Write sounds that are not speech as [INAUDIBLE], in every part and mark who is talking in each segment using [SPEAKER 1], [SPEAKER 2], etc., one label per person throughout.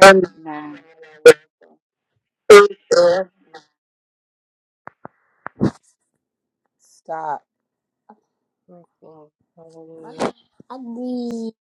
[SPEAKER 1] Um, Stop. I need.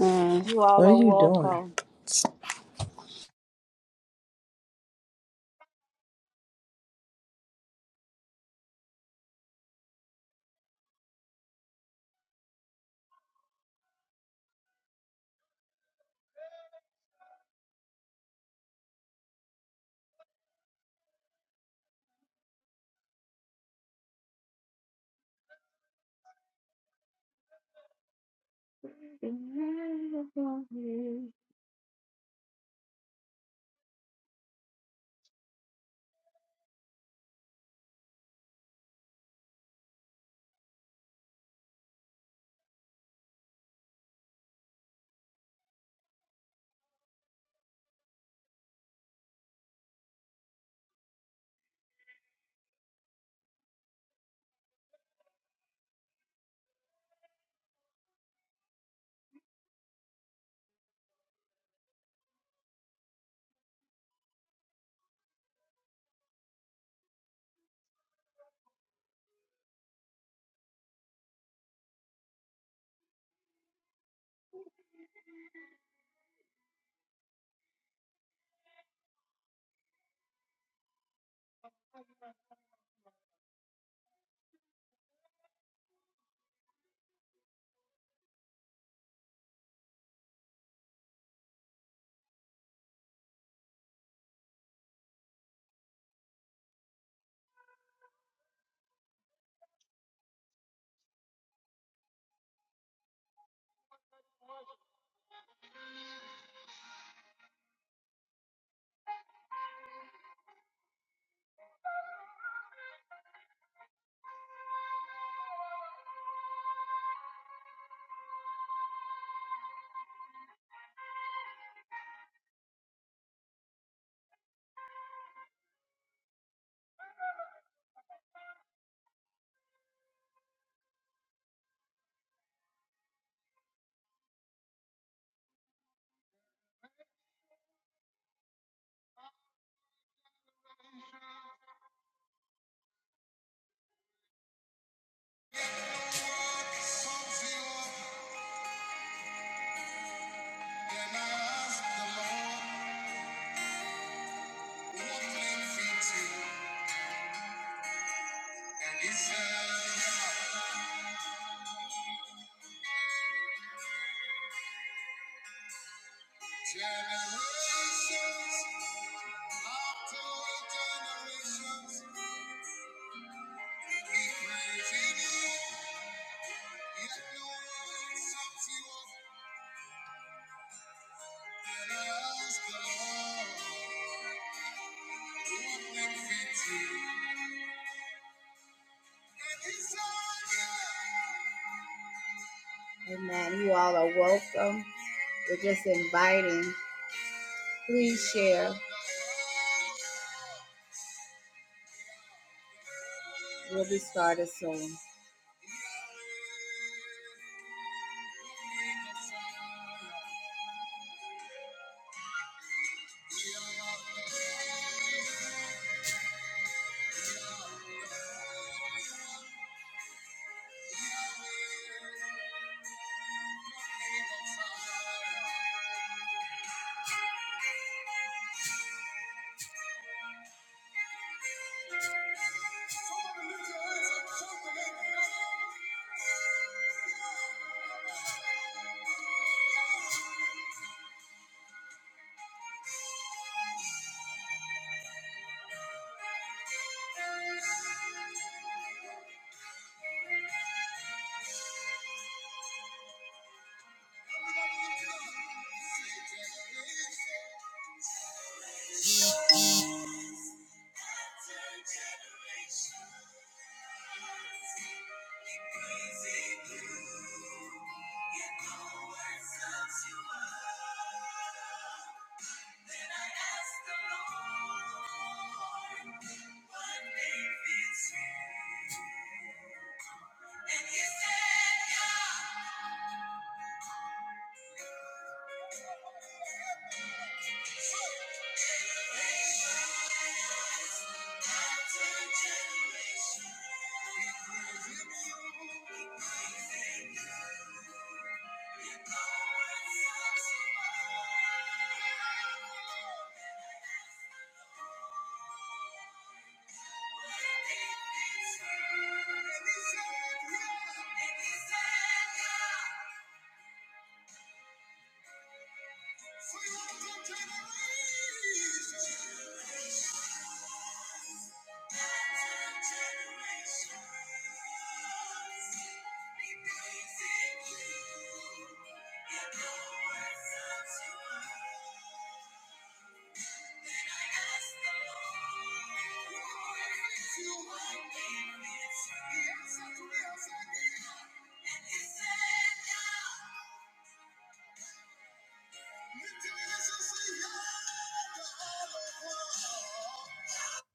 [SPEAKER 1] Mm. What are you doing?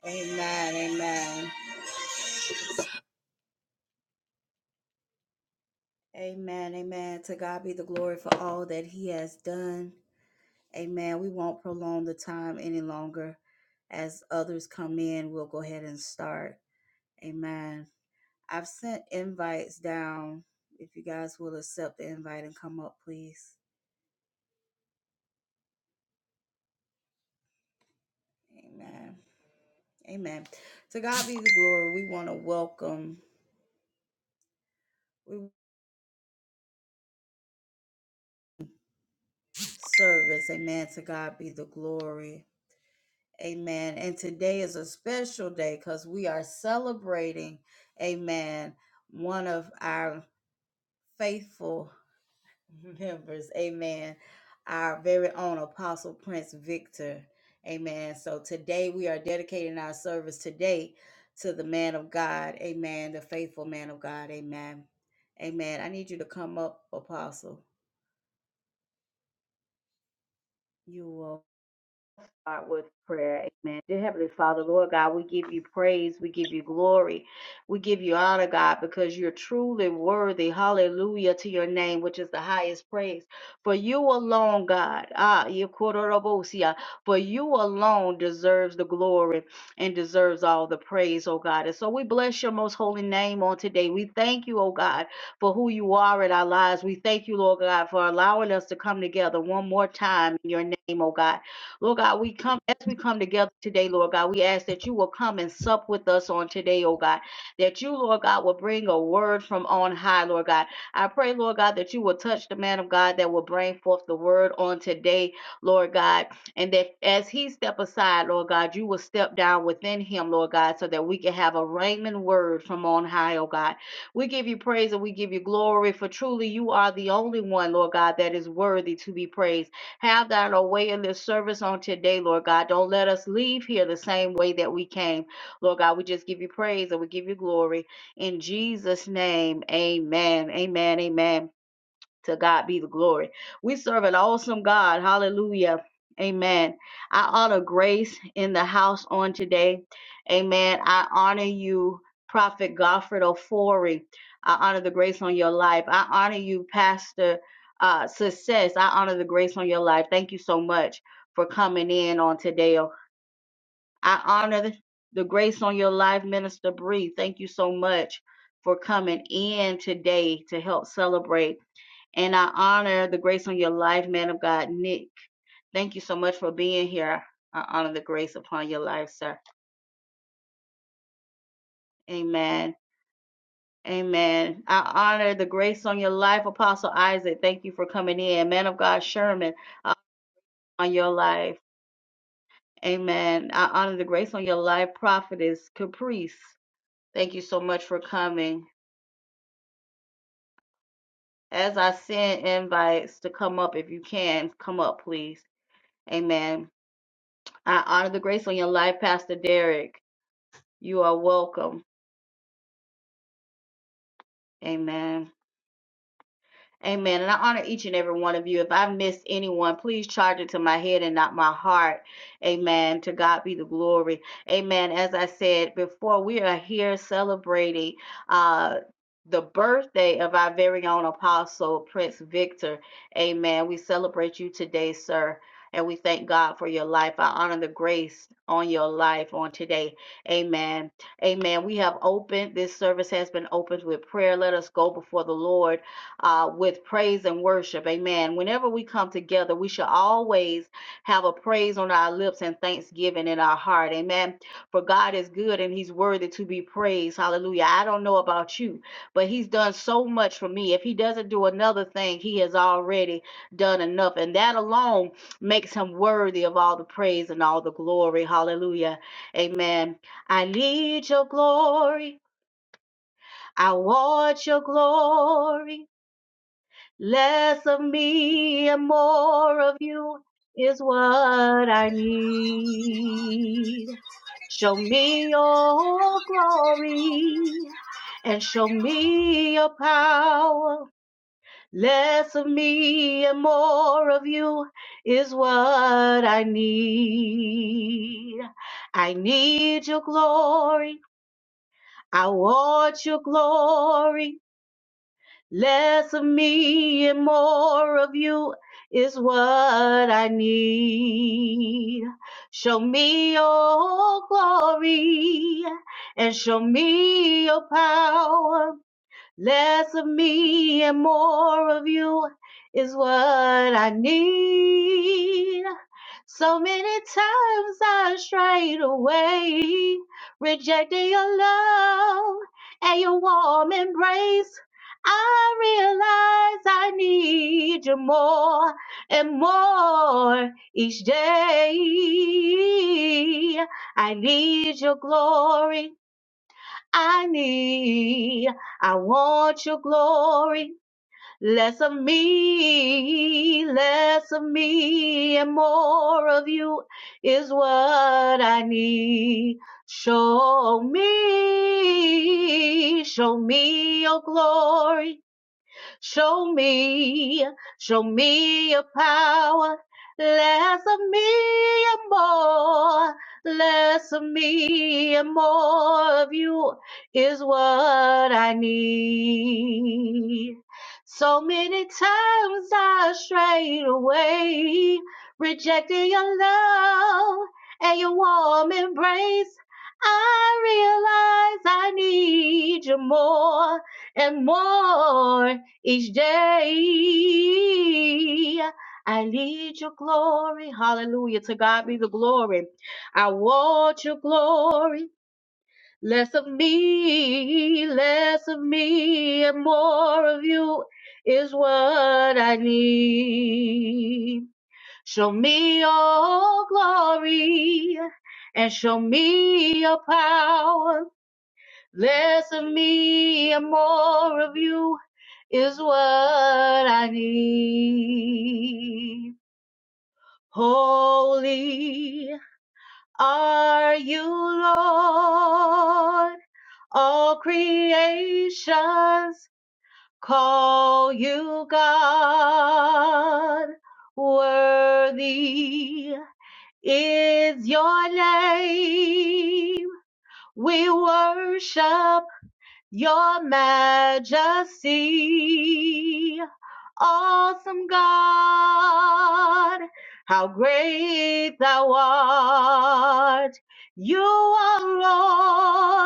[SPEAKER 2] Amen. Amen. Amen. Amen. To God be the glory for all that He has done. Amen. We won't prolong the time any longer. As others come in, we'll go ahead and start. Amen. I've sent invites down. If you guys will accept the invite and come up, please. Amen. Amen. To God be the glory. We want to welcome we service. Amen. To God be the glory. Amen. And today is a special day because we are celebrating, amen, one of our faithful [LAUGHS] members, amen, our very own Apostle Prince Victor. Amen. So today we are dedicating our service today to the man of God, amen, the faithful man of God, amen. Amen. I need you to come up, Apostle. You will. start with prayer. Amen. Dear Heavenly Father, Lord God, we give you praise. We give you glory. We give you honor, God, because you're truly worthy. Hallelujah to your name, which is the highest praise. For you alone, God, ah, yekororobosia, for you alone deserves the glory and deserves all the praise, oh God. And so we bless your most holy name on today. We thank you, oh God, for who you are in our lives. We thank you, Lord God, for allowing us to come together one more time in your name, oh God. Lord God, we come as we come together today, Lord God, we ask that you will come and sup with us on today, oh God, that you, Lord God, will bring a word from on high, Lord God. I pray, Lord God, that you will touch the man of God that will bring forth the word on today, Lord God, and that as he step aside, Lord God, you will step down within him, Lord God, so that we can have a raiment word from on high, oh God. We give you praise and we give you glory, for truly you are the only one, Lord God, that is worthy to be praised. Have thine own way in this service on today, Lord God. Don't let us leave here the same way that we came. Lord God, we just give you praise and we give you glory. In Jesus' name, amen. Amen. Amen. To God be the glory. We serve an awesome God. Hallelujah. Amen. I honor grace in the house on today. Amen. I honor you, Prophet Godfred Ofori. I honor the grace on your life. I honor you, Pastor uh, Success. I honor the grace on your life. Thank you so much for coming in on today. I honor the the grace on your life, Minister Bree. Thank you so much for coming in today to help celebrate. And I honor the grace on your life, man of God, Nick. Thank you so much for being here. I honor the grace upon your life, sir. Amen. Amen. I honor the grace on your life, Apostle Isaac. Thank you for coming in. Man of God, Sherman, I honor your life. Amen. I honor the grace on your life, Prophetess Caprice. Thank you so much for coming. As I send invites to come up, if you can, come up, please. Amen. I honor the grace on your life, Pastor Derek. You are welcome. Amen. Amen. And I honor each and every one of you. If I missed anyone, please charge it to my head and not my heart. Amen. To God be the glory. Amen. As I said before, we are here celebrating uh the birthday of our very own apostle, Prince Victor. Amen. We celebrate you today, sir. And we thank God for your life. I honor the grace on your life on today. Amen. Amen. We have opened, this service has been opened with prayer. Let us go before the Lord uh, with praise and worship. Amen. Whenever we come together, we should always have a praise on our lips and thanksgiving in our heart. Amen. For God is good and He's worthy to be praised. Hallelujah. I don't know about you, but He's done so much for me. If He doesn't do another thing, He has already done enough. And that alone makes Him worthy of all the praise and all the glory. Hallelujah. Amen. I need your glory. I want your glory. Less of me and more of you is what I need. Show me your glory and show me your power. Less of me and more of you is what I need. I need your glory. I want your glory. Less of me and more of you is what I need. Show me your glory and show me your power. Less of me and more of you is what I need. So many times I strayed away, rejecting your love and your warm embrace. I realize I need you more and more each day. I need your glory. I need. I want your glory. Less of me, less of me, and more of you is what I need. Show me, show me your glory. Show me, show me your power. Less of me and more, less of me and more of you is what I need. So many times I strayed away, rejecting your love and your warm embrace. I realize I need you more and more each day I need your glory. Hallelujah. To God be the glory. I want your glory. Less of me, less of me, and more of you is what I need. Show me your glory and show me your power. Less of me and more of you is what I need. Holy are you, Lord. All creations call you God. Worthy is your name. We worship Your majesty, awesome God, how great thou art. You are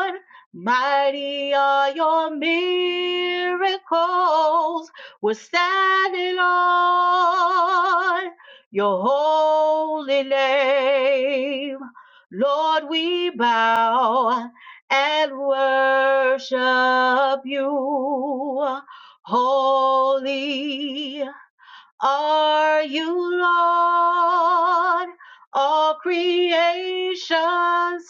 [SPEAKER 2] Lord, mighty are your miracles. We're standing on your holy name. Lord, we bow and worship you. Holy are you, Lord. All creations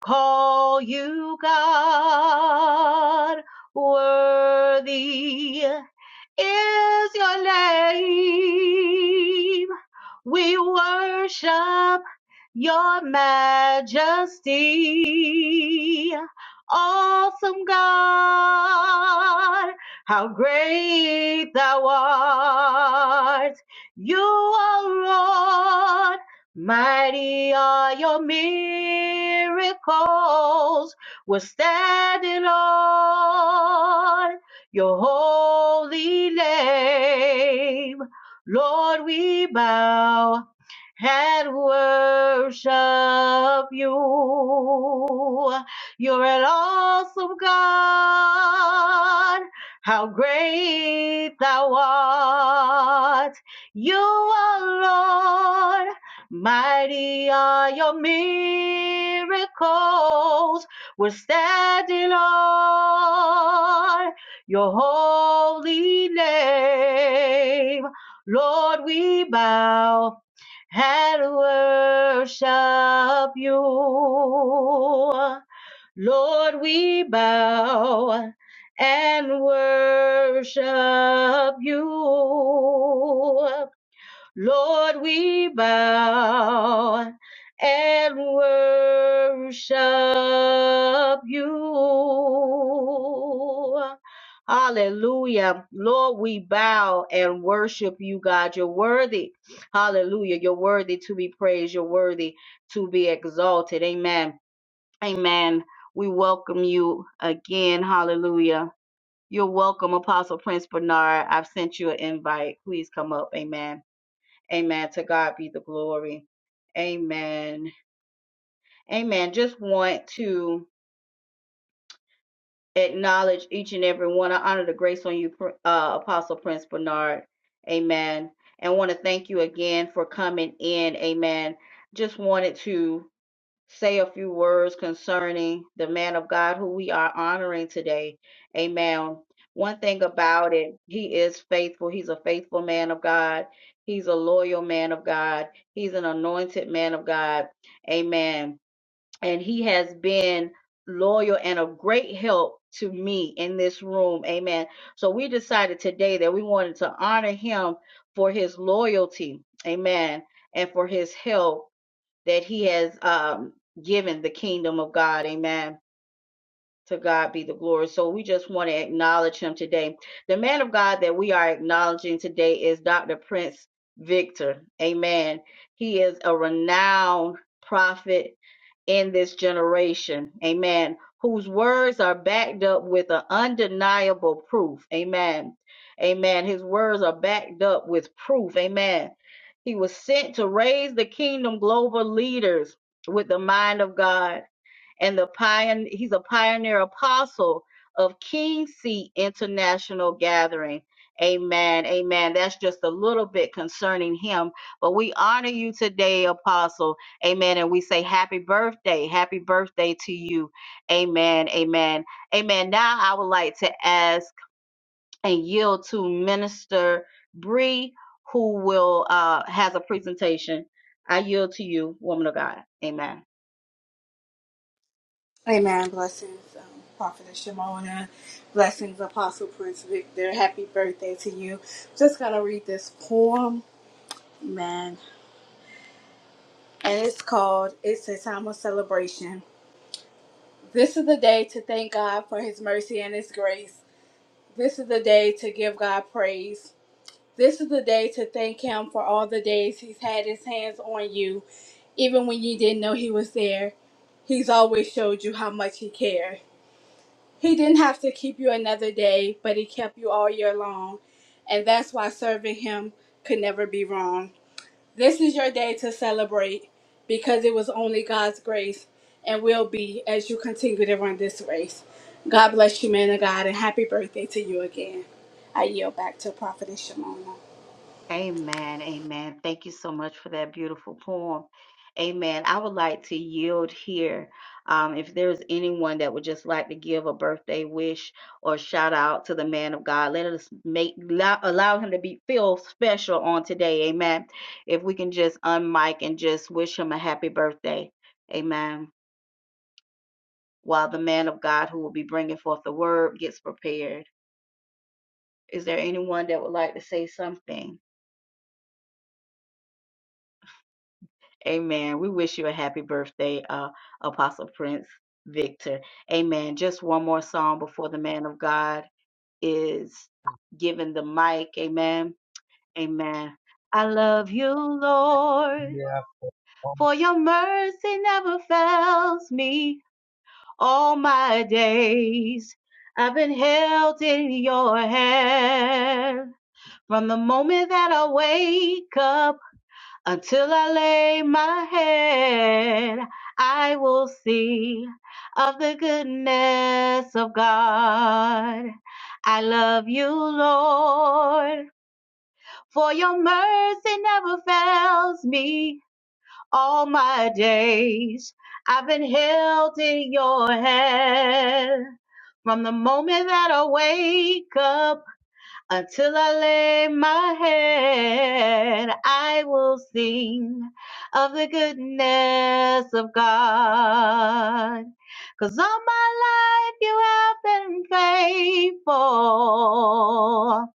[SPEAKER 2] call you God. Worthy is your name. We worship your majesty. Awesome God, how great thou art. You are Lord Mighty are your miracles. We're standing on your holy name. Lord, we bow and worship you. You're an awesome God. How great thou art. You are Lord Mighty are your miracles. We're standing on your holy name. Lord, we bow and worship you. Lord, we bow and worship you. Lord, we bow and worship you. Hallelujah. Lord, we bow and worship you, God. You're worthy. Hallelujah. You're worthy to be praised. You're worthy to be exalted. Amen. Amen. We welcome you again. Hallelujah. You're welcome, Apostle Prince Bernard. I've sent you an invite. Please come up. Amen. Amen. To God be the glory. Amen. Amen. Just want to acknowledge each and every one. I honor the grace on you, uh, Apostle Prince Bernard. Amen. And want to thank you again for coming in. Amen. Just wanted to say a few words concerning the man of God who we are honoring today. Amen. One thing about it, he is faithful. He's a faithful man of God. He's a loyal man of God. He's an anointed man of God. Amen. And he has been loyal and of great help to me in this room. Amen. So we decided today that we wanted to honor him for his loyalty. Amen. And for his help that he has um, given the kingdom of God. Amen. To God be the glory. So we just want to acknowledge him today. The man of God that we are acknowledging today is Dr. Prince Victor. Amen. He is a renowned prophet in this generation. Amen. Whose words are backed up with an undeniable proof. Amen. Amen. His words are backed up with proof. Amen. He was sent to raise the kingdom global leaders with the mind of God and the pioneer he's a pioneer apostle of King Seat International Gathering. Amen. Amen. That's just a little bit concerning him, but we honor you today, apostle. Amen. And we say happy birthday. Happy birthday to you. Amen. Amen. Amen. Now I would like to ask and yield to Minister Bree who will uh has a presentation. I yield to you, woman of God. Amen.
[SPEAKER 3] Amen. Blessings, um, Prophetess Shimona. Blessings, Apostle Prince Victor. Happy birthday to you. Just going to read this poem. man, And it's called It's a Time of Celebration. This is the day to thank God for his mercy and his grace. This is the day to give God praise. This is the day to thank him for all the days he's had his hands on you, even when you didn't know he was there. He's always showed you how much he cared. He didn't have to keep you another day, but He kept you all year long. And that's why serving Him could never be wrong. This is your day to celebrate because it was only God's grace and will be as you continue to run this race. God bless you, man of God, and happy birthday to you again. I yield back to Prophetess Shimona.
[SPEAKER 2] Amen. Amen. Thank you so much for that beautiful poem. Amen. I would like to yield here. Um, if there's anyone that would just like to give a birthday wish or shout out to the man of God, let us make allow, allow him to be feel special on today. Amen. If we can just unmic and just wish him a happy birthday. Amen. While the man of God who will be bringing forth the word gets prepared. Is there anyone that would like to say something? Amen. We wish you a happy birthday, uh, Apostle Prince Victor. Amen. Just one more song before the man of God is given the mic. Amen. Amen. I love you, Lord,
[SPEAKER 4] Yeah.
[SPEAKER 2] for your mercy never fails me all my days. I've been held in your hand from the moment that I wake up until I lay my head, I will see of the goodness of God. I love you, Lord, for your mercy never fails me all my days. I've been held in your hand from the moment that I wake up until I lay my head, I will sing of the goodness of God. 'Cause all my life you have been faithful.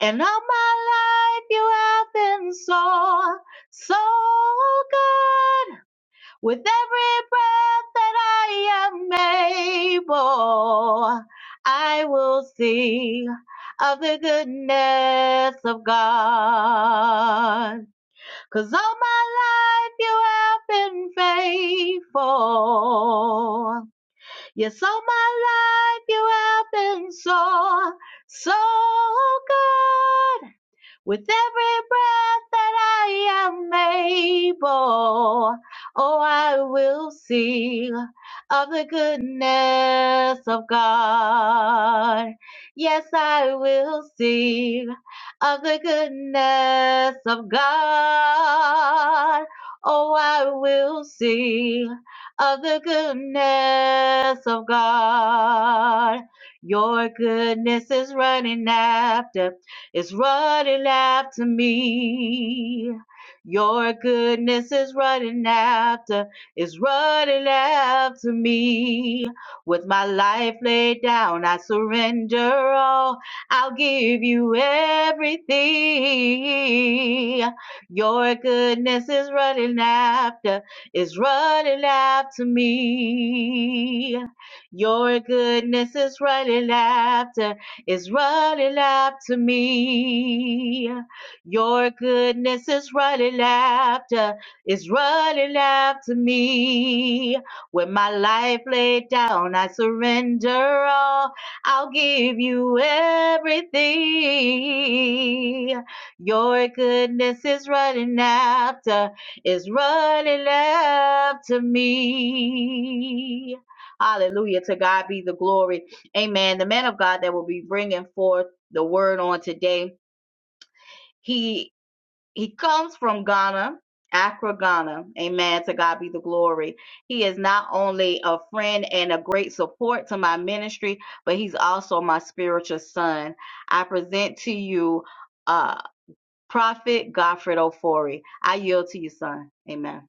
[SPEAKER 2] And all my life you have been so, so good. With every breath that I am able, I will sing of the goodness of God. 'Cause all my life you have been faithful. Yes, all my life you have been so, so good. With every breath that I am able, oh, I will sing of the goodness of God. Yes, I will sing of the goodness of God. Oh, I will sing of the goodness of God. Your goodness is running after is running after me. Your goodness is running after, is running after me. With my life laid down, I surrender all. I'll give you everything. Your goodness is running after, is running after me. Your goodness is running after is running after me. Your goodness is running after, is running after me. When my life laid down, I surrender all. I'll give you everything. Your goodness is running after, is running after me. Hallelujah. To God be the glory. Amen. The man of God that will be bringing forth the word on today, he he comes from Ghana, Accra, Ghana. Amen. To God be the glory. He is not only a friend and a great support to my ministry, but he's also my spiritual son. I present to you uh Prophet Godfred Ofori. I yield to you, son. Amen.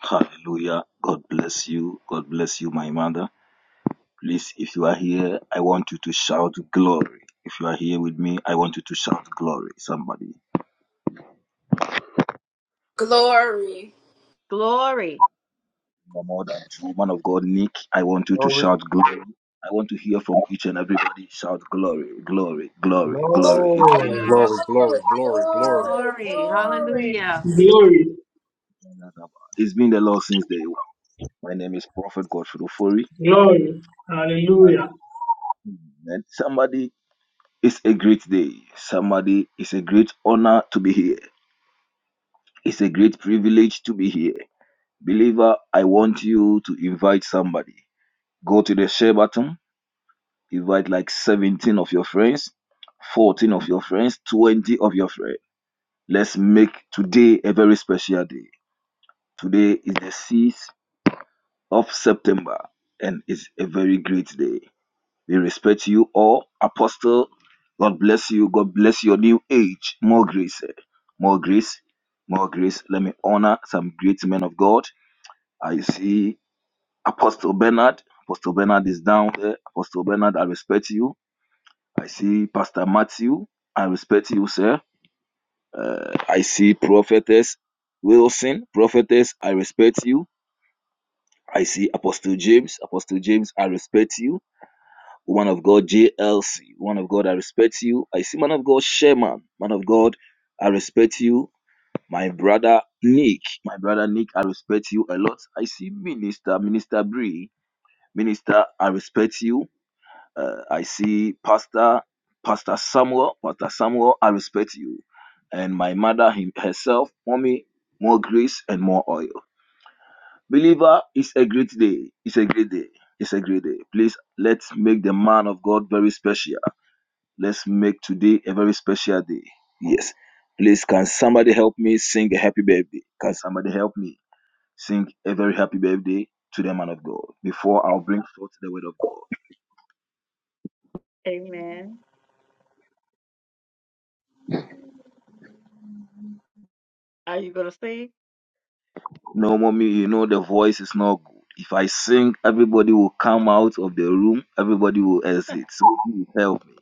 [SPEAKER 5] Hallelujah. God bless you. God bless you, my mother. Please, if you are here, I want you to shout glory. If you are here with me, I want you to shout glory. Somebody.
[SPEAKER 3] Glory.
[SPEAKER 2] Glory.
[SPEAKER 5] No more than two. Man of God, Nick, I want you to
[SPEAKER 6] Glory.
[SPEAKER 5] shout glory. I want to hear from each and everybody shout glory, glory, glory,
[SPEAKER 3] Glory,
[SPEAKER 5] glory. It's been the
[SPEAKER 4] Glory.
[SPEAKER 7] Glory,
[SPEAKER 3] glory,
[SPEAKER 7] glory, glory, glory.
[SPEAKER 3] glory,
[SPEAKER 2] Glory.
[SPEAKER 3] glory.
[SPEAKER 2] Hallelujah.
[SPEAKER 8] Glory,
[SPEAKER 5] Lord, it's been the Lord since day one. My name is Prophet Godfrey Ofori.
[SPEAKER 8] glory,
[SPEAKER 5] And
[SPEAKER 8] hallelujah.
[SPEAKER 5] somebody, it's a great day. Somebody, it's a great honor to be here. It's a great privilege to be here. Believer, I want you to invite somebody. Go to the share button, invite like 17 of your friends, 14 of your friends, 20 of your friends. Let's make today a very special day. Today is the 6th of September and it's a very great day. We respect you all. Apostle, God bless you. God bless your new age. More grace. eh. More grace. More grace. Let me honor some great men of God. I see Apostle Bernard. Apostle Bernard is down there. Apostle Bernard, I respect you. I see Pastor Matthew. I respect you, sir. Uh, I see Prophetess Wilson. Prophetess, I respect you. I see Apostle James. Apostle James, I respect you. One of God, JLC. One of God, I respect you. I see Man of God, Sherman. Man of God, I respect you. My brother Nick, my brother Nick, I respect you a lot. I see Minister, Minister Bree. Minister, I respect you. Uh, I see Pastor, Pastor Samuel, Pastor Samuel, I respect you. And my mother him, herself, mommy, more grace and more oil. Believer, it's a great day. It's a great day. It's a great day. Please let's make the man of God very special. Let's make today a very special day. Yes. Please, can somebody help me sing a happy birthday? Can somebody help me sing a very happy birthday to the man of God before I'll bring forth the word of God?
[SPEAKER 2] [LAUGHS]
[SPEAKER 5] No, mommy, you know the voice is not good. If I sing, everybody will come out of the room, everybody will exit. So please help me.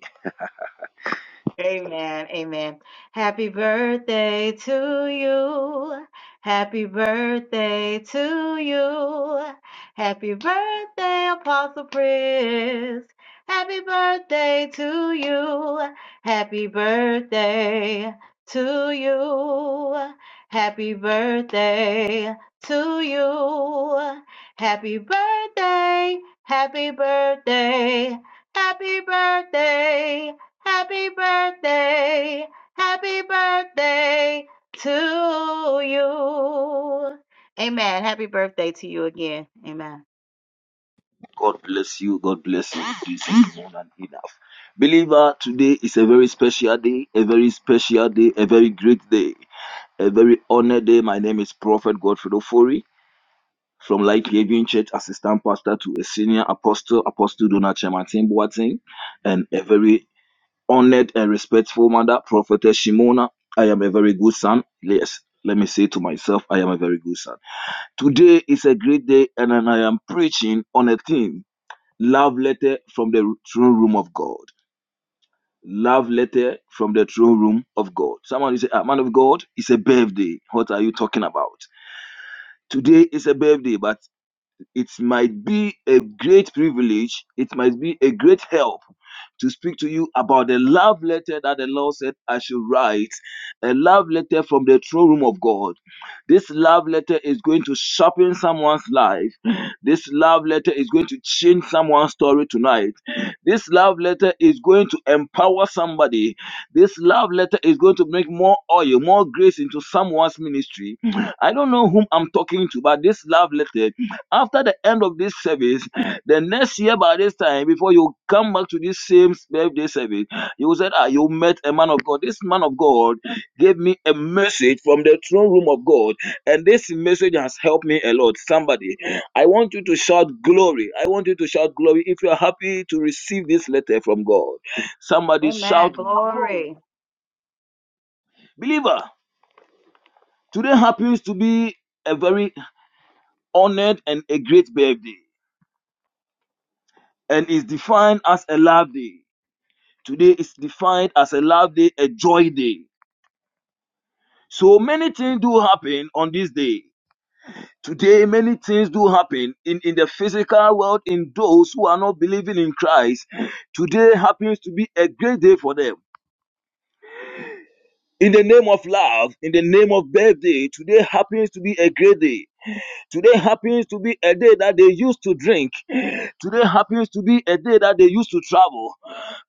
[SPEAKER 2] Amen. Amen. Happy birthday to you. Happy birthday to you. Happy birthday, Apostle Chris. Happy birthday to you. Happy birthday to you. Happy birthday to you. Happy birthday. Happy birthday. Happy birthday. Happy birthday, happy birthday to you. Amen. Happy birthday to you again. Amen.
[SPEAKER 5] God bless you. God bless you. This is more than enough. Believer, today is a very special day, a very special day, a very great day, a very honored day. My name is Prophet Godfrey Ofori from Light Haven Church, assistant pastor to a senior apostle, Apostle Donald Chematin Boateng, and a very honored and respectful mother, prophetess Shimona. I am a very good son. Yes, let me say to myself, I am a very good son. Today is a great day, and then I am preaching on a theme love letter from the throne room of God. Love letter from the throne room of God. Someone will say, ah, Man of God, it's a birthday. What are you talking about? Today is a birthday, but it might be a great privilege, it might be a great help to speak to you about the love letter that the Lord said I should write, a love letter from the throne room of God. This love letter is going to sharpen someone's life. This love letter is going to change someone's story tonight. This love letter is going to empower somebody. This love letter is going to bring more oil, more grace into someone's ministry. I don't know whom I'm talking to, but this love letter after the end of this service, the next year by this time, before you come back to this same birthday service, you said, Ah, you met a man of God. This man of God gave me a message from the throne room of God, and this message has helped me a lot. Somebody, I want you to shout glory. I want you to shout glory if you are happy to receive this letter from God. Somebody
[SPEAKER 2] Amen.
[SPEAKER 5] shout glory.
[SPEAKER 2] Glory.
[SPEAKER 5] Believer, today happens to be a very honored and a great birthday, and is defined as a love day. Today is defined as a love day, a joy day. So many things do happen on this day. Today, many things do happen in, in the physical world, in those who are not believing in Christ. Today happens to be a great day for them. In the name of love, in the name of birthday, today happens to be a great day. Today happens to be a day that they used to drink. Today happens to be a day that they used to travel.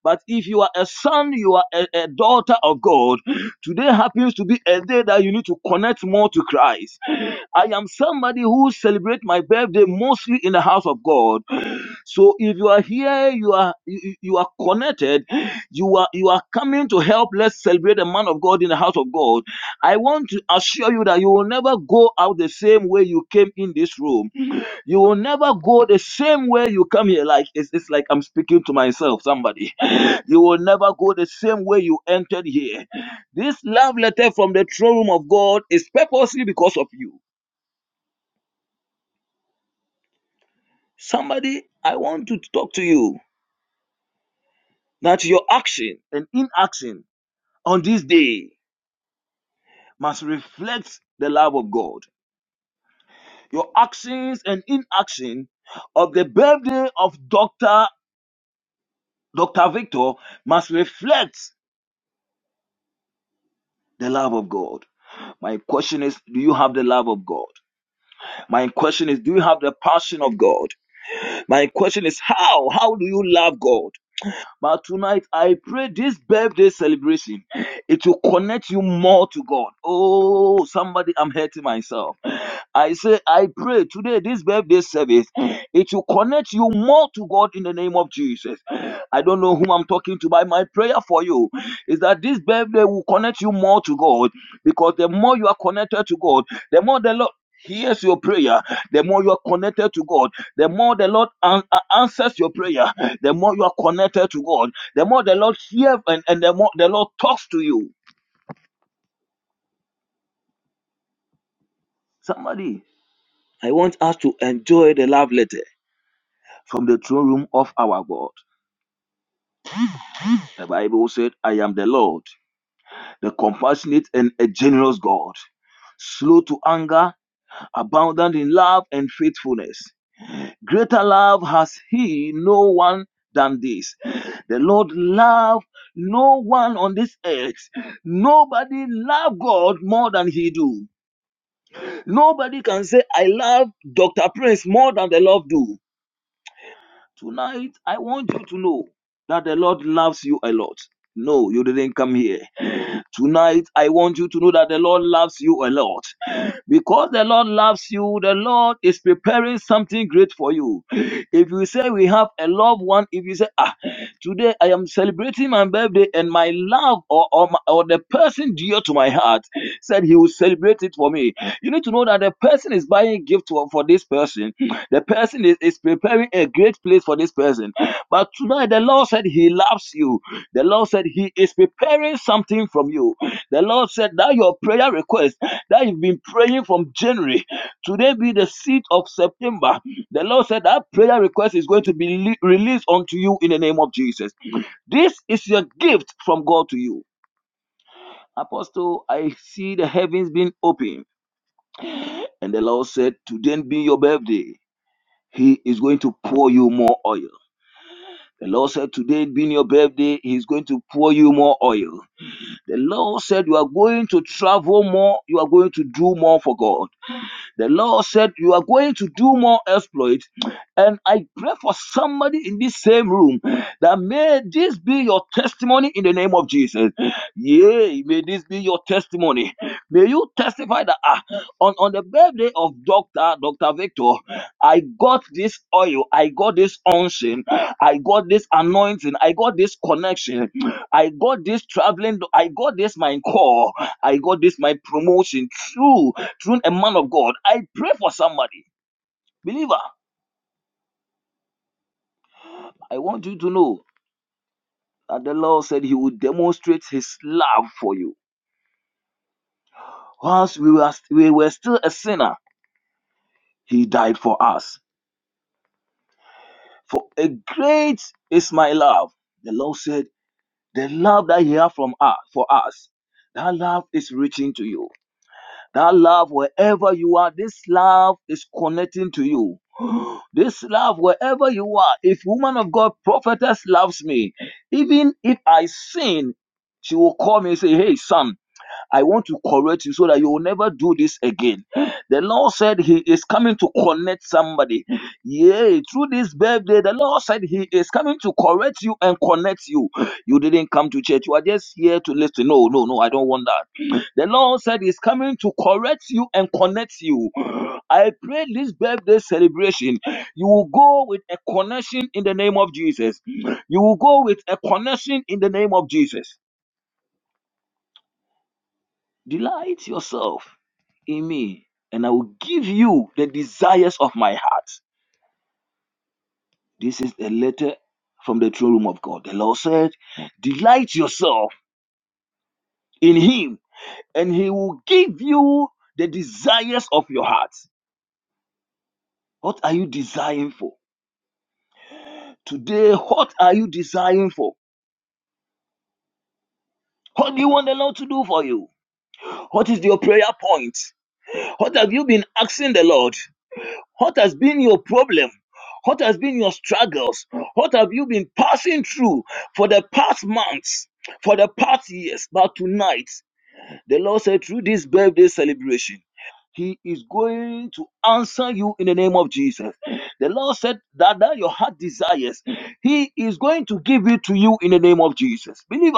[SPEAKER 5] But if you are a son, you are a, a daughter of God. Today happens to be a day that you need to connect more to Christ. I am somebody who celebrates my birthday mostly in the house of God. So if you are here, you are you, you are connected, you are you are coming to help. Let's celebrate the man of God in the house of God. I want to assure you that you will never go out the same way you came in this room. You will never go the same way you come here. Like it's, it's like I'm speaking to myself, somebody. You will never go the same way you entered here. This love letter from the throne room of God is purposely because of you. Somebody, I want to talk to you that your action and inaction on this day must reflect the love of God. Your actions and inaction of the birthday of Dr. Dr. Victor must reflect the love of God. My question is, do you have the love of God? My question is, do you have the passion of God? My question is, how? How do you love God? But tonight, I pray this birthday celebration, it will connect you more to God. Oh, somebody, I'm hurting myself. I say, I pray today, this birthday service, it will connect you more to God in the name of Jesus. I don't know whom I'm talking to, but my prayer for you is that this birthday will connect you more to God because the more you are connected to God, the more the Lord. hears your prayer, the more you are connected to God, the more the Lord an- a- answers your prayer, the more you are connected to God, the more the Lord hears and, and the more the Lord talks to you. Somebody, I want us to enjoy the love letter from the throne room of our God. The Bible said, I am the Lord, the compassionate and a generous God, slow to anger, abundant in love and faithfulness. Greater love has he no one than this. The Lord loved no one on this earth. Nobody loved God more than he do. Nobody can say, I love Dr. Prince more than the Lord do. Tonight, I want you to know that the Lord loves you a lot. No, you didn't come here. Tonight, I want you to know that the Lord loves you a lot. Because the Lord loves you, the Lord is preparing something great for you. If you say we have a loved one, if you say, ah, today I am celebrating my birthday and my love or, or, my, or the person dear to my heart said he will celebrate it for me. You need to know that the person is buying a gift for, for this person. The person is, is preparing a great place for this person. But tonight the Lord said he loves you. The Lord said he is preparing something from you. The Lord said that your prayer request that you've been praying from January. Today be the seed of September. The Lord said that prayer request is going to be le- released unto you in the name of Jesus. This is your gift from God to you. Apostle, I see the heavens being open. And the Lord said, Today be your birthday. He is going to pour you more oil. The Lord said, Today being your birthday, He's going to pour you more oil. The Lord said, You are going to travel more, you are going to do more for God. The Lord said, You are going to do more exploits. And I pray for somebody in this same room that may this be your testimony in the name of Jesus. Yea, may this be your testimony. May you testify that ah, on, on the birthday of Dr. Dr. Victor, I got this oil, I got this unction, I got this anointing, I got this connection, I got this traveling, I got this my call, I got this my promotion. True through a man of God. I pray for somebody. Believer, I want you to know that the Lord said he would demonstrate his love for you. Whilst we were, we were still a sinner, he died for us. For a great is my love. The Lord said, the love that he has from us for us, that love is reaching to you. That love, wherever you are, this love is connecting to you. This love, wherever you are, if woman of God, prophetess loves me, even if I sin, she will call me and say, Hey, son." I want to correct you so that you will never do this again. The Lord said He is coming to connect somebody. Yay, through this birthday, the Lord said He is coming to correct you and connect you. You didn't come to church, you are just here to listen. No, no, no, I don't want that. The Lord said He's coming to correct you and connect you. I pray this birthday celebration, you will go with a connection in the name of Jesus. You will go with a connection in the name of Jesus. Delight yourself. in me, and I will give you the desires of my heart. This is a letter from the throne room of God. The Lord said, Delight yourself in Him, and He will give you the desires of your heart. What are you desiring for? Today, what are you desiring for? What do you want the Lord to do for you? What is your prayer point? What have you been asking the Lord? What has been your problem? What has been your struggles? What have you been passing through for the past months, for the past years? But tonight, the Lord said, through this birthday celebration, he is going to answer you in the name of Jesus. The Lord said that, that your heart desires, He is going to give it to you in the name of Jesus. Believer,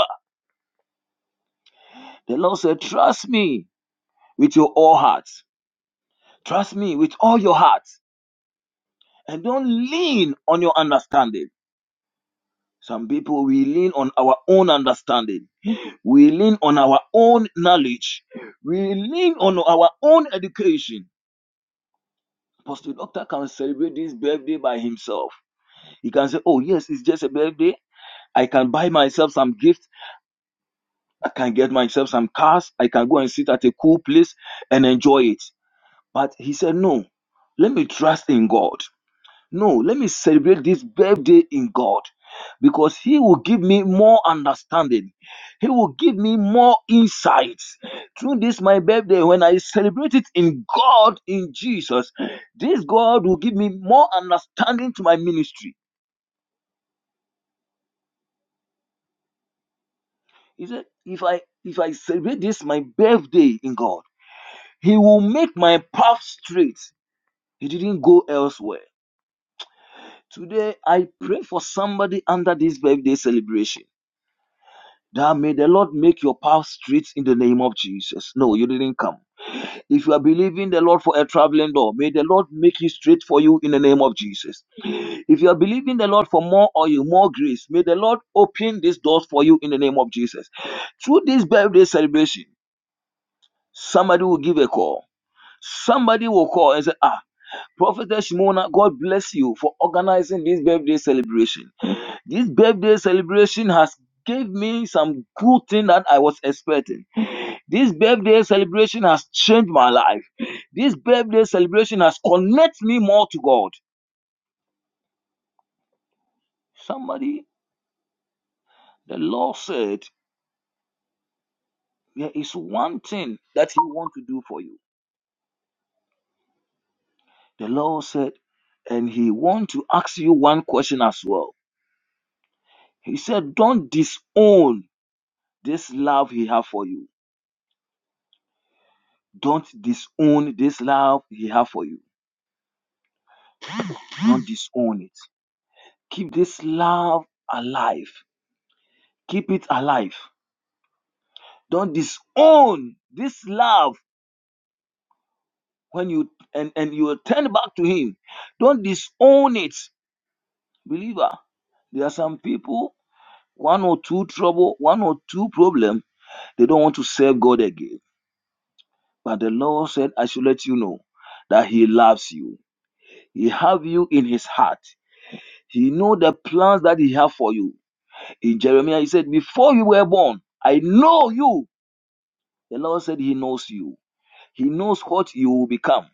[SPEAKER 5] the Lord said, Trust me with your all heart. Trust me with all your heart. And don't lean on your understanding. Some people, we lean on our own understanding. We lean on our own knowledge. We lean on our own education. Apostle Doctor can celebrate this birthday by himself. He can say, Oh, yes, it's just a birthday. I can buy myself some gifts. I can get myself some cars. I can go and sit at a cool place and enjoy it. But he said, No, let me trust in God. No, let me celebrate this birthday in God because He will give me more understanding. He will give me more insights. Through this, my birthday, when I celebrate it in God, in Jesus, this God will give me more understanding to my ministry. He said, if I if I celebrate this my birthday in God, He will make my path straight. He didn't go elsewhere. Today I pray for somebody under this birthday celebration That may the Lord make your path straight in the name of Jesus. No, you didn't come. If you are believing the Lord for a traveling door, may the Lord make it straight for you in the name of Jesus. If you are believing the Lord for more oil, more grace, may the Lord open these doors for you in the name of Jesus. Through this birthday celebration, somebody will give a call. Somebody will call and say, Ah, Prophetess Shimona, God bless you for organizing this birthday celebration. This birthday celebration has gave me some good thing that I was expecting. This birthday celebration has changed my life. This birthday celebration has connected me more to God. Somebody, the Lord said, there is one thing that He want to do for you. The Lord said, and He want to ask you one question as well. He said, don't disown this love He have for you Don't disown this love He have for you. Don't disown it. Keep this love alive. Keep it alive. Don't disown this love when you and, and you turn back to Him. Don't disown it, believer. There are some people, one or two trouble, one or two problem, they don't want to serve God again. But the Lord said, I should let you know that He loves you. He have you in His heart. He know the plans that He have for you In Jeremiah, he said, Before you were born, I know you. The Lord said, He knows you. He knows what you will become.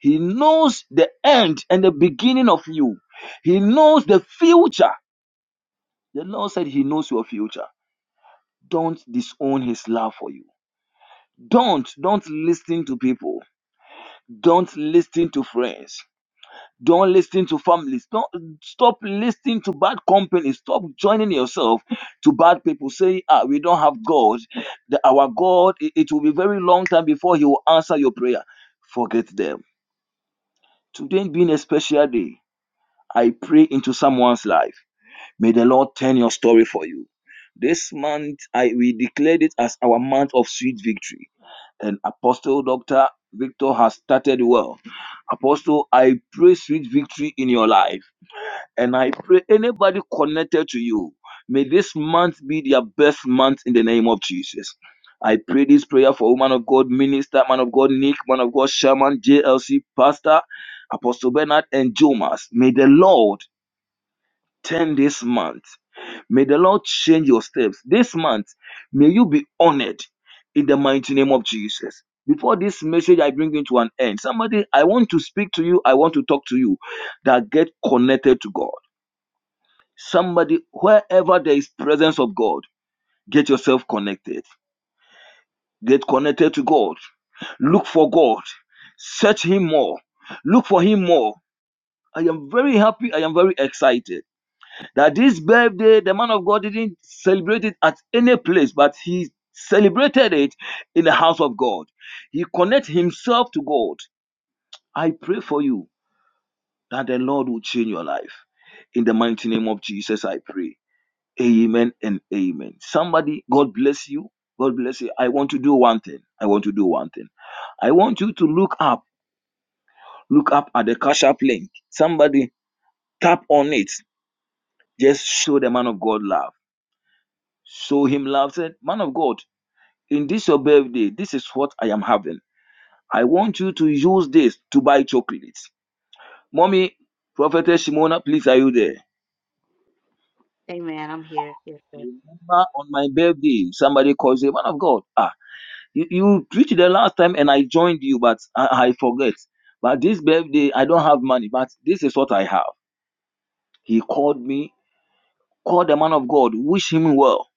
[SPEAKER 5] He knows the end and the beginning of you. He knows the future. The Lord said, He knows your future. Don't disown His love for you. Don't, don't listen to people. Don't listen to friends. Don't listen to families. Don't stop listening to bad company. Stop joining yourself to bad people Say, "Ah, we don't have God. The- our God." It, it will be very long time before He will answer your prayer. Forget them. Today being a special day, I pray into someone's life. May the Lord turn your story for you. This month, I we declared it as our month of sweet victory. And Apostle Doctor Victor has started well. Apostle, I pray sweet victory in your life and I pray anybody connected to you, may this month be their best month in the name of Jesus. I pray this prayer for woman of God, minister, man of God, Nick, man of God, Sherman, JLC, Pastor, Apostle Bernard, and Jomas. May the Lord turn this month. May the Lord change your steps. This month, may you be honored in the mighty name of Jesus. Before this message I bring into an end, somebody I want to speak to you, I want to talk to you that get connected to God. Somebody, wherever there is presence of God, get yourself connected. Get connected to God. Look for God. Search Him more. Look for Him more. I am very happy. I am very excited that this birthday, the man of God didn't celebrate it at any place, but he celebrated it in the house of God. He connect himself to God. I pray for you that the Lord will change your life. In the mighty name of Jesus, I pray. Amen and amen. Somebody, God bless you. God bless you. I want to do one thing. I want to do one thing. I want you to look up, look up at the cash app link. Somebody tap on it. Just show the man of God love. Show him love. Said, man of God, in this your birthday, this is what I am having. I want you to use this to buy chocolates. Mommy, Prophetess Shimona, please, are you there?
[SPEAKER 2] Amen.
[SPEAKER 5] Remember on my birthday, somebody calls you, man of God. Ah, You, you preached the last time and I joined you, but I, I forget. But this birthday, I don't have money, but this is what I have. He called me, call the man of God, wish him well,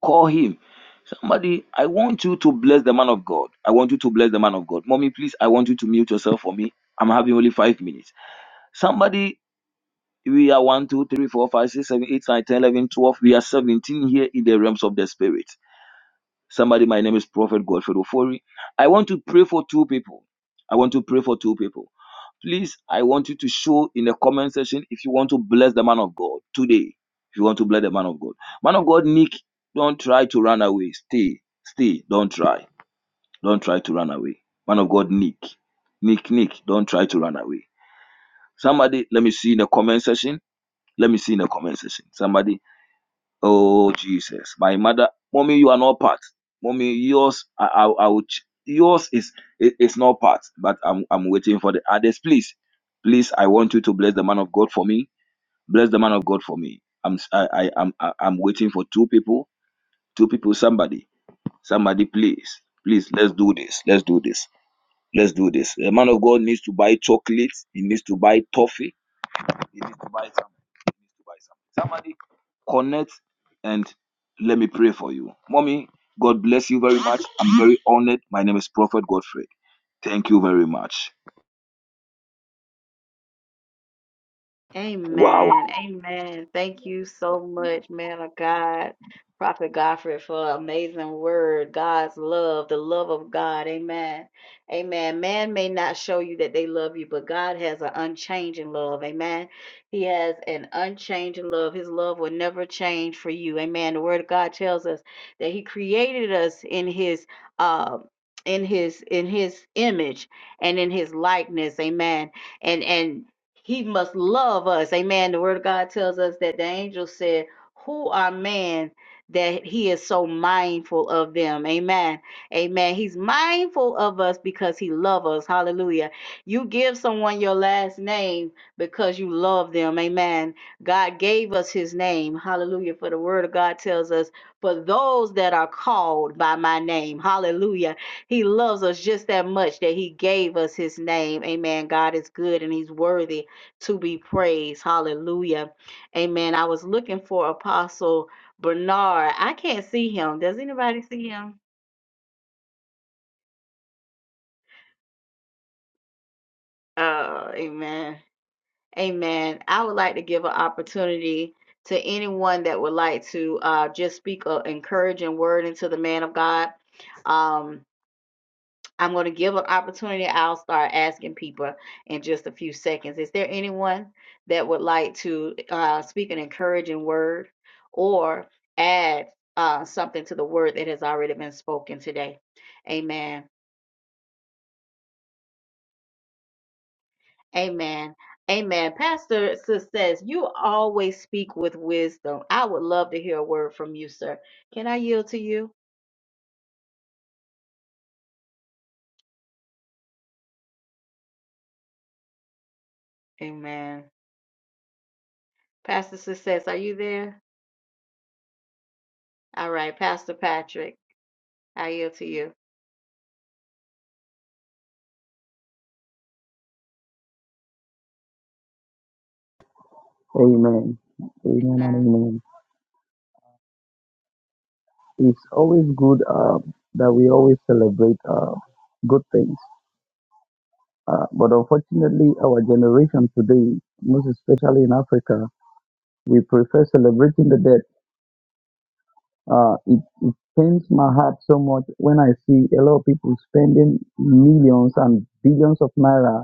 [SPEAKER 5] call him. Somebody, I want you to bless the man of God. I want you to bless the man of God. Mommy, please, I want you to mute yourself for me. I'm having only five minutes. Somebody, we are one, two, three, four, five, six, seven, eight, nine, ten, eleven, twelve. We are 17 here in the realms of the spirit. Somebody, my name is Prophet Godfred Ofori. I want to pray for two people. I want to pray for two people. Please, I want you to show in the comment section if you want to bless the man of God today. If you want to bless the man of God. Man of God, Nick, don't try to run away. Stay. Stay. Don't try. Don't try to run away. Man of God, Nick. Nick, Nick, don't try to run away. Somebody, let me see in the comment section. Let me see in the comment section. Somebody Oh Jesus, my mother, mommy, you are not part. Mommy, yours, I, I, I would, ch- yours is, it, it's not part. But I'm, I'm waiting for the others. Please, please, I want you to bless the man of God for me. Bless the man of God for me. I'm, s- I, I, am, I- I'm waiting for two people, two people. Somebody, somebody, please, please, let's do this. Let's do this. Let's do this. The man of God needs to buy chocolate. He needs to buy toffee he needs to buy something. He needs to buy something. Somebody connect and let me pray for you. Mommy, God bless you very much. I'm very honored. My name is Prophet Godfrey. Thank you very much. Wow.
[SPEAKER 2] Amen. Amen. Thank you so much, man of God, Prophet Godfrey, for an amazing word. God's love, the love of God. Amen. Amen. Man may not show you that they love you, but God has an unchanging love. Amen. He has an unchanging love. His love will never change for you. Amen. The word of God tells us that he created us in his uh in his in his image and in his likeness amen he must love us. Amen. The word of God tells us that the angel said, Who are man that he is so mindful of them? Amen. Amen. He's mindful of us because he loves us. Hallelujah. You give someone your last name because you love them. Amen. God gave us his name. Hallelujah. For the word of God tells us, For those that are called by my name. Hallelujah. He loves us just that much that he gave us his name. Amen. God is good and he's worthy to be praised. Hallelujah. Amen. I was looking for Apostle Bernard. I can't see him. Does anybody see him? Uh, amen. Amen. I would like to give an opportunity to anyone that would like to uh, just speak an encouraging word into the man of God. Um, I'm going to give an opportunity. I'll start asking people in just a few seconds. Is there anyone that would like to uh, speak an encouraging word or add uh, something to the word that has already been spoken today? Amen. Amen. Amen. Pastor Sis says, You always speak with wisdom. I would love to hear a word from you, sir. Can I yield to you? Amen. Pastor Success, Are you there? All right, Pastor Patrick, I yield to you.
[SPEAKER 9] Amen. Amen and
[SPEAKER 2] Amen.
[SPEAKER 9] amen. It's always good uh, that we always celebrate uh, good things. Uh, but unfortunately, our generation today, most especially in Africa, we prefer celebrating the dead. Uh, it pains my heart so much when I see a lot of people spending millions and billions of naira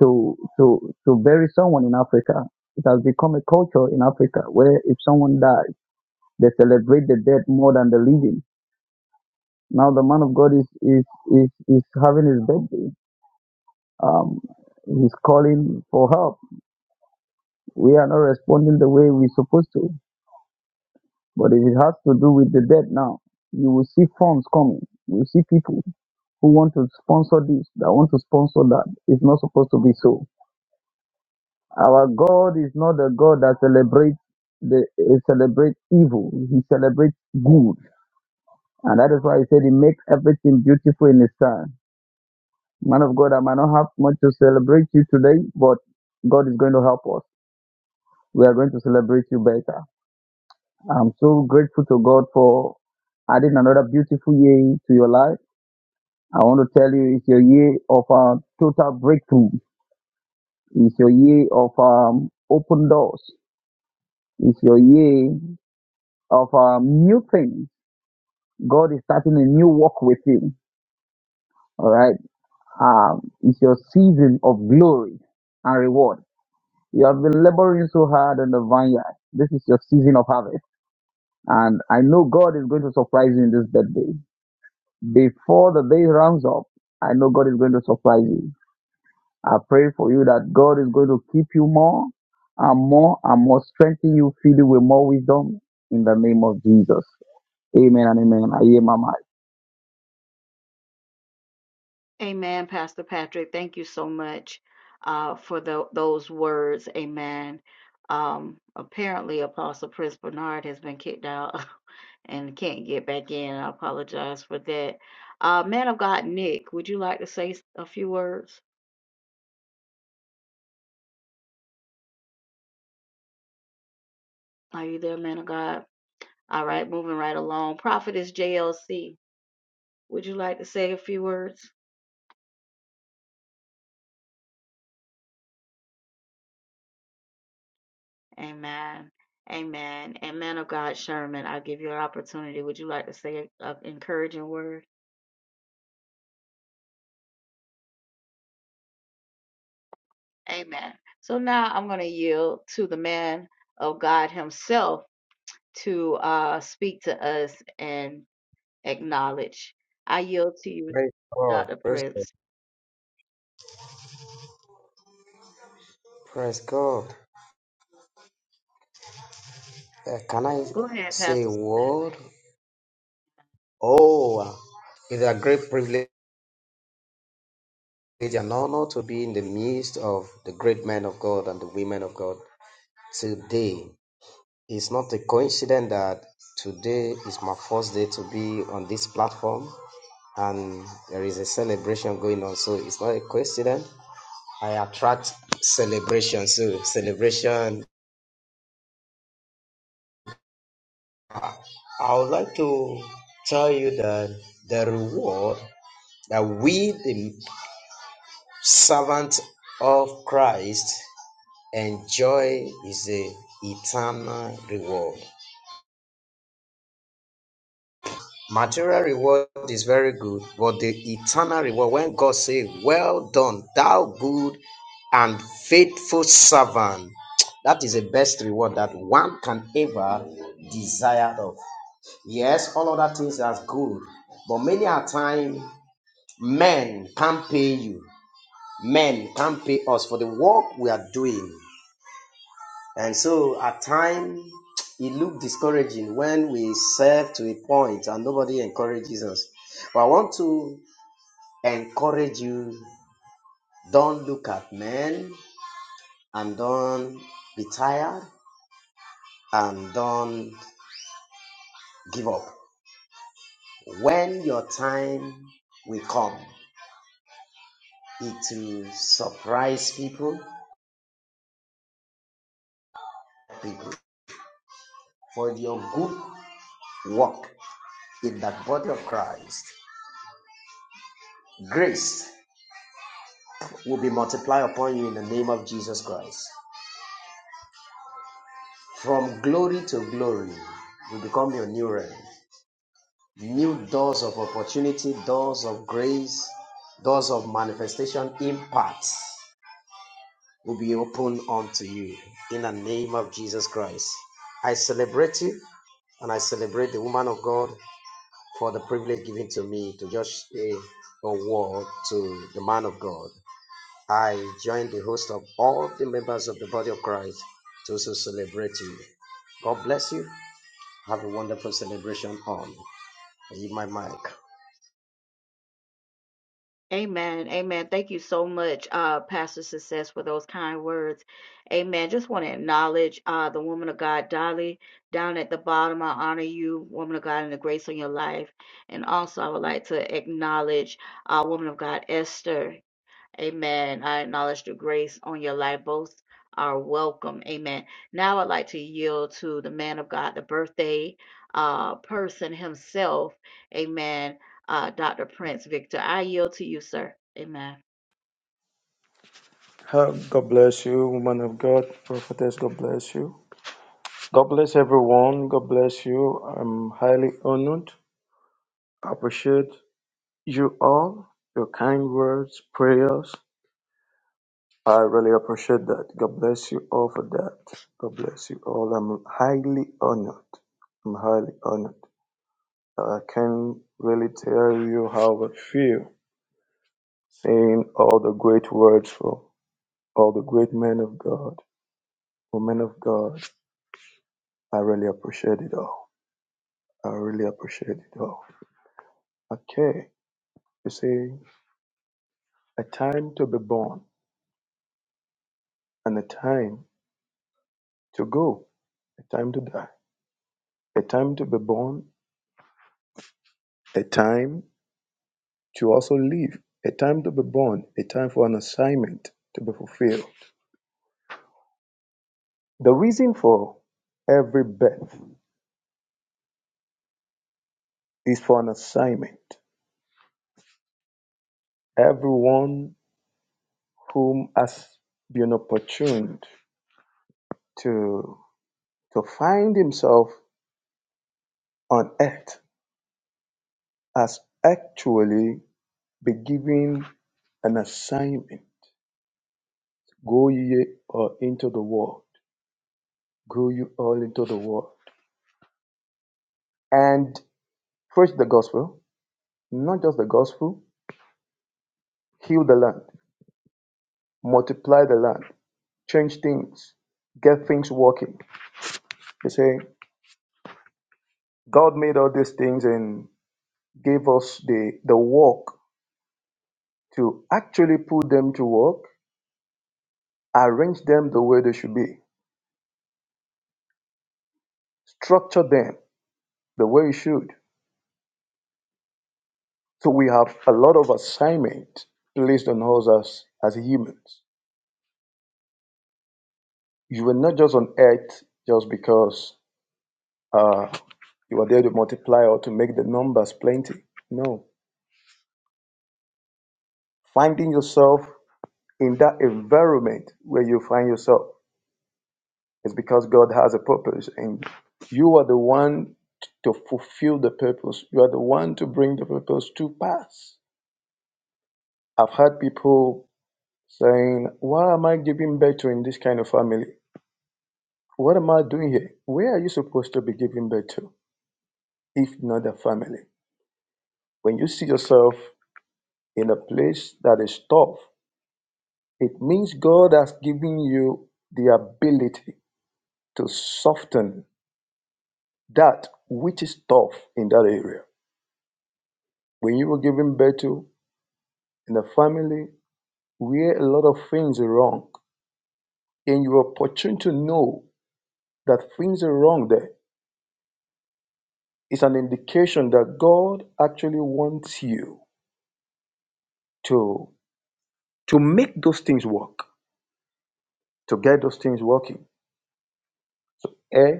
[SPEAKER 9] to to to bury someone in Africa. It has become a culture in Africa where if someone dies, they celebrate the dead more than the living Now the man of God is is is, is having his birthday. Um, he's calling for help. We are not responding the way we're supposed to. But if it has to do with the dead now, you will see funds coming. You will see people who want to sponsor this, that want to sponsor that. It's not supposed to be so. Our God is not a God that celebrates the uh, celebrates evil. He celebrates good, and that is why He said He makes everything beautiful in His time. Man of God, I might not have much to celebrate you today, but God is going to help us. We are going to celebrate you better. I'm so grateful to God for adding another beautiful year to your life. I want to tell you, it's your year of uh, total breakthrough. It's your year of um, open doors. It's your year of um, new things. God is starting a new work with you. All right. Um, it's your season of glory and reward. You have been laboring so hard in the vineyard. This is your season of harvest. And I know God is going to surprise you in this birthday. Before the day runs up, I know God is going to surprise you. I pray for you that God is going to keep you more and more and more, strengthen you, fill you with more wisdom in the name of Jesus. Amen and amen. I hear my mic.
[SPEAKER 2] Amen, Pastor Patrick. Thank you so much uh, for tho- those words. Amen. Um, apparently, Apostle Chris Bernard has been kicked out [LAUGHS] and can't get back in. I apologize for that. Uh, man of God, Nick, would you like to say s- a few words? Are you there, man of God? All right, moving right along. Prophetess JLC, would you like to say a few words? Amen. Amen. And man of God, Sherman, I'll give you an opportunity. Would you like to say an encouraging word? Amen. So now I'm going to yield to the man of God himself to uh, speak to us and acknowledge. I yield to you,
[SPEAKER 4] Praise God.
[SPEAKER 2] Dr.
[SPEAKER 4] Praise God.
[SPEAKER 2] Prince.
[SPEAKER 4] Praise God. Uh, can I
[SPEAKER 2] Go ahead,
[SPEAKER 4] say a
[SPEAKER 2] Pastor Success.
[SPEAKER 4] word? Oh, uh, it's a great privilege and honor to be in the midst of the great men of God and the women of God today. It's not a coincidence that today is my first day to be on this platform and there is a celebration going on, so it's not a coincidence. I attract celebration, so celebration I would like to tell you that the reward that we, the servants of Christ, enjoy is the eternal reward. Material reward is very good, but the eternal reward, when God says, Well done, thou good and faithful servant, that is the best reward that one can ever desire of. Yes, all other things are good, but many a time Men can't pay you. Men can't pay us for the work we are doing. And so at times it looked discouraging when we serve to a point and nobody encourages us. But I want to encourage you, don't look at men and don't be tired and don't give up. When your time will come, it will surprise people, people for your good work in the body of Christ. Grace will be multiplied upon you in the name of Jesus Christ. From glory to glory, you become your new realm. New doors of opportunity, doors of grace, doors of manifestation, impact will be opened unto you in the name of Jesus Christ. I celebrate you and I celebrate the woman of God for the privilege given to me to just say a word to the man of God. I join the host of all the members of the body of Christ to also celebrate you. God bless you. Have a wonderful celebration on. In my mic.
[SPEAKER 2] Amen. Amen. Thank you so much, uh, Pastor Success, for those kind words. Amen. Just want to acknowledge uh, the woman of God, Dolly, down at the bottom. I honor you, woman of God, and the grace on your life. And also, I would like to acknowledge uh, woman of God, Esther. Amen. I acknowledge the grace on your life. Both are welcome. Amen. Now I'd like to yield to the man of God, the birthday uh, person himself. Amen. Uh, Dr. Prince Victor, I yield to you, sir. Amen.
[SPEAKER 6] Uh, God bless you, woman of God, prophetess. God bless you. God bless everyone. God bless you. I'm highly honored. I appreciate you all, your kind words, prayers. I really appreciate that. God bless you all for that. God bless you all. I'm highly honored. I'm highly honored. I can really tell you how I feel seeing all the great words from all the great men of God, women of God. I really appreciate it all. I really appreciate it all. Okay. You see, a time to be born and a time to go, a time to die, a time to be born, a time to also live, a time to be born, a time for an assignment to be fulfilled. The reason for every birth is for an assignment. Everyone whom has been opportuned to to find himself on earth has actually been given an assignment. Go ye all into the world. Go you all into the world. And preach the gospel. Not just the gospel. Heal the land. Multiply the land. Change things. Get things working. They say God made all these things and gave us the the work to actually put them to work, arrange them the way they should be, structure them the way it should. So we have a lot of assignment placed on us as, as humans. You were not just on earth just because uh, you were there to multiply or to make the numbers plenty. No. Finding yourself in that environment where you find yourself is because God has a purpose and you are the one to fulfill the purpose. You are the one to bring the purpose to pass. I've had people saying, Why am I giving birth to in this kind of family? What am I doing here? Where are you supposed to be giving birth to if not the family? When you see yourself in a place that is tough, it means God has given you the ability to soften that which is tough in that area. When you were giving birth to in a family where a lot of things are wrong, and you are opportune to know that things are wrong there, it's an indication that God actually wants you to to make those things work to get those things working. Eh?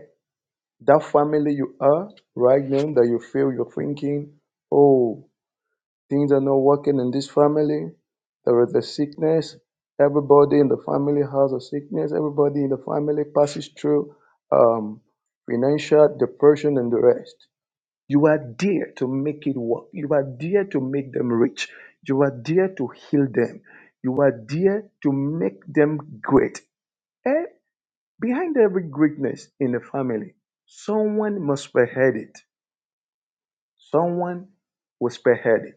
[SPEAKER 6] That family you are right now that you feel you're thinking, oh, things are not working in this family. There is a sickness. Everybody in the family has a sickness. Everybody in the family passes through um, financial depression and the rest. You are there to make it work. You are there to make them rich. You are there to heal them. You are there to make them great. eh? Behind every greatness in the family, someone must spearhead it. Someone was spearheaded.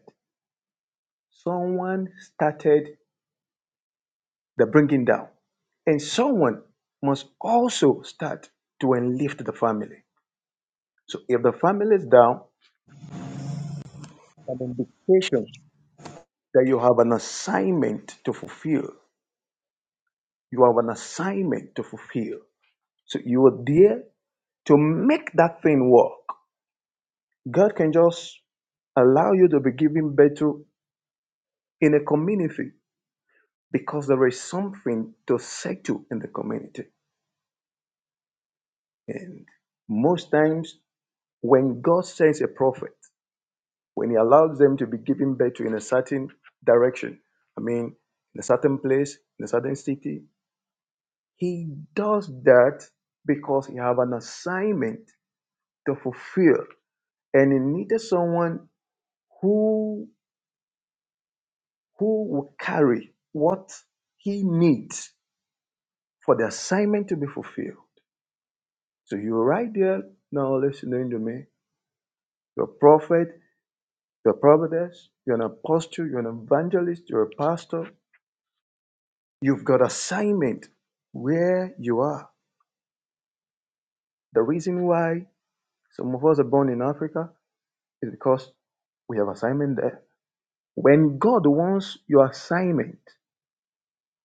[SPEAKER 6] Someone started the bringing down. And someone must also start to enlift the family. So if the family is down, an indication that you have an assignment to fulfill. You have an assignment to fulfill. So you are there to make that thing work. God can just allow you to be given birth to in a community because there is something to settle in the community. And most times, when God sends a prophet, when He allows them to be given birth to in a certain direction, I mean, in a certain place, in a certain city, He does that because He have an assignment to fulfill, and He needed someone who who will carry what He needs for the assignment to be fulfilled. So you are right there now listening to me. You're a prophet, you're a prophetess, you're an apostle, you're an evangelist, you're a pastor. You've got assignment where you are. The reason why some of us are born in Africa is because we have assignment there. When God wants your assignment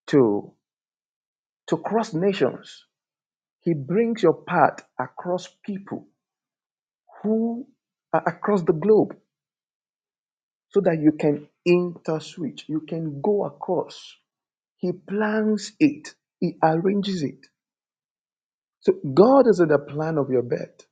[SPEAKER 6] to, to cross nations, He brings your path across people who are across the globe so that you can interswitch, you can go across. He plans it, He arranges it. So God is in the plan of your birth.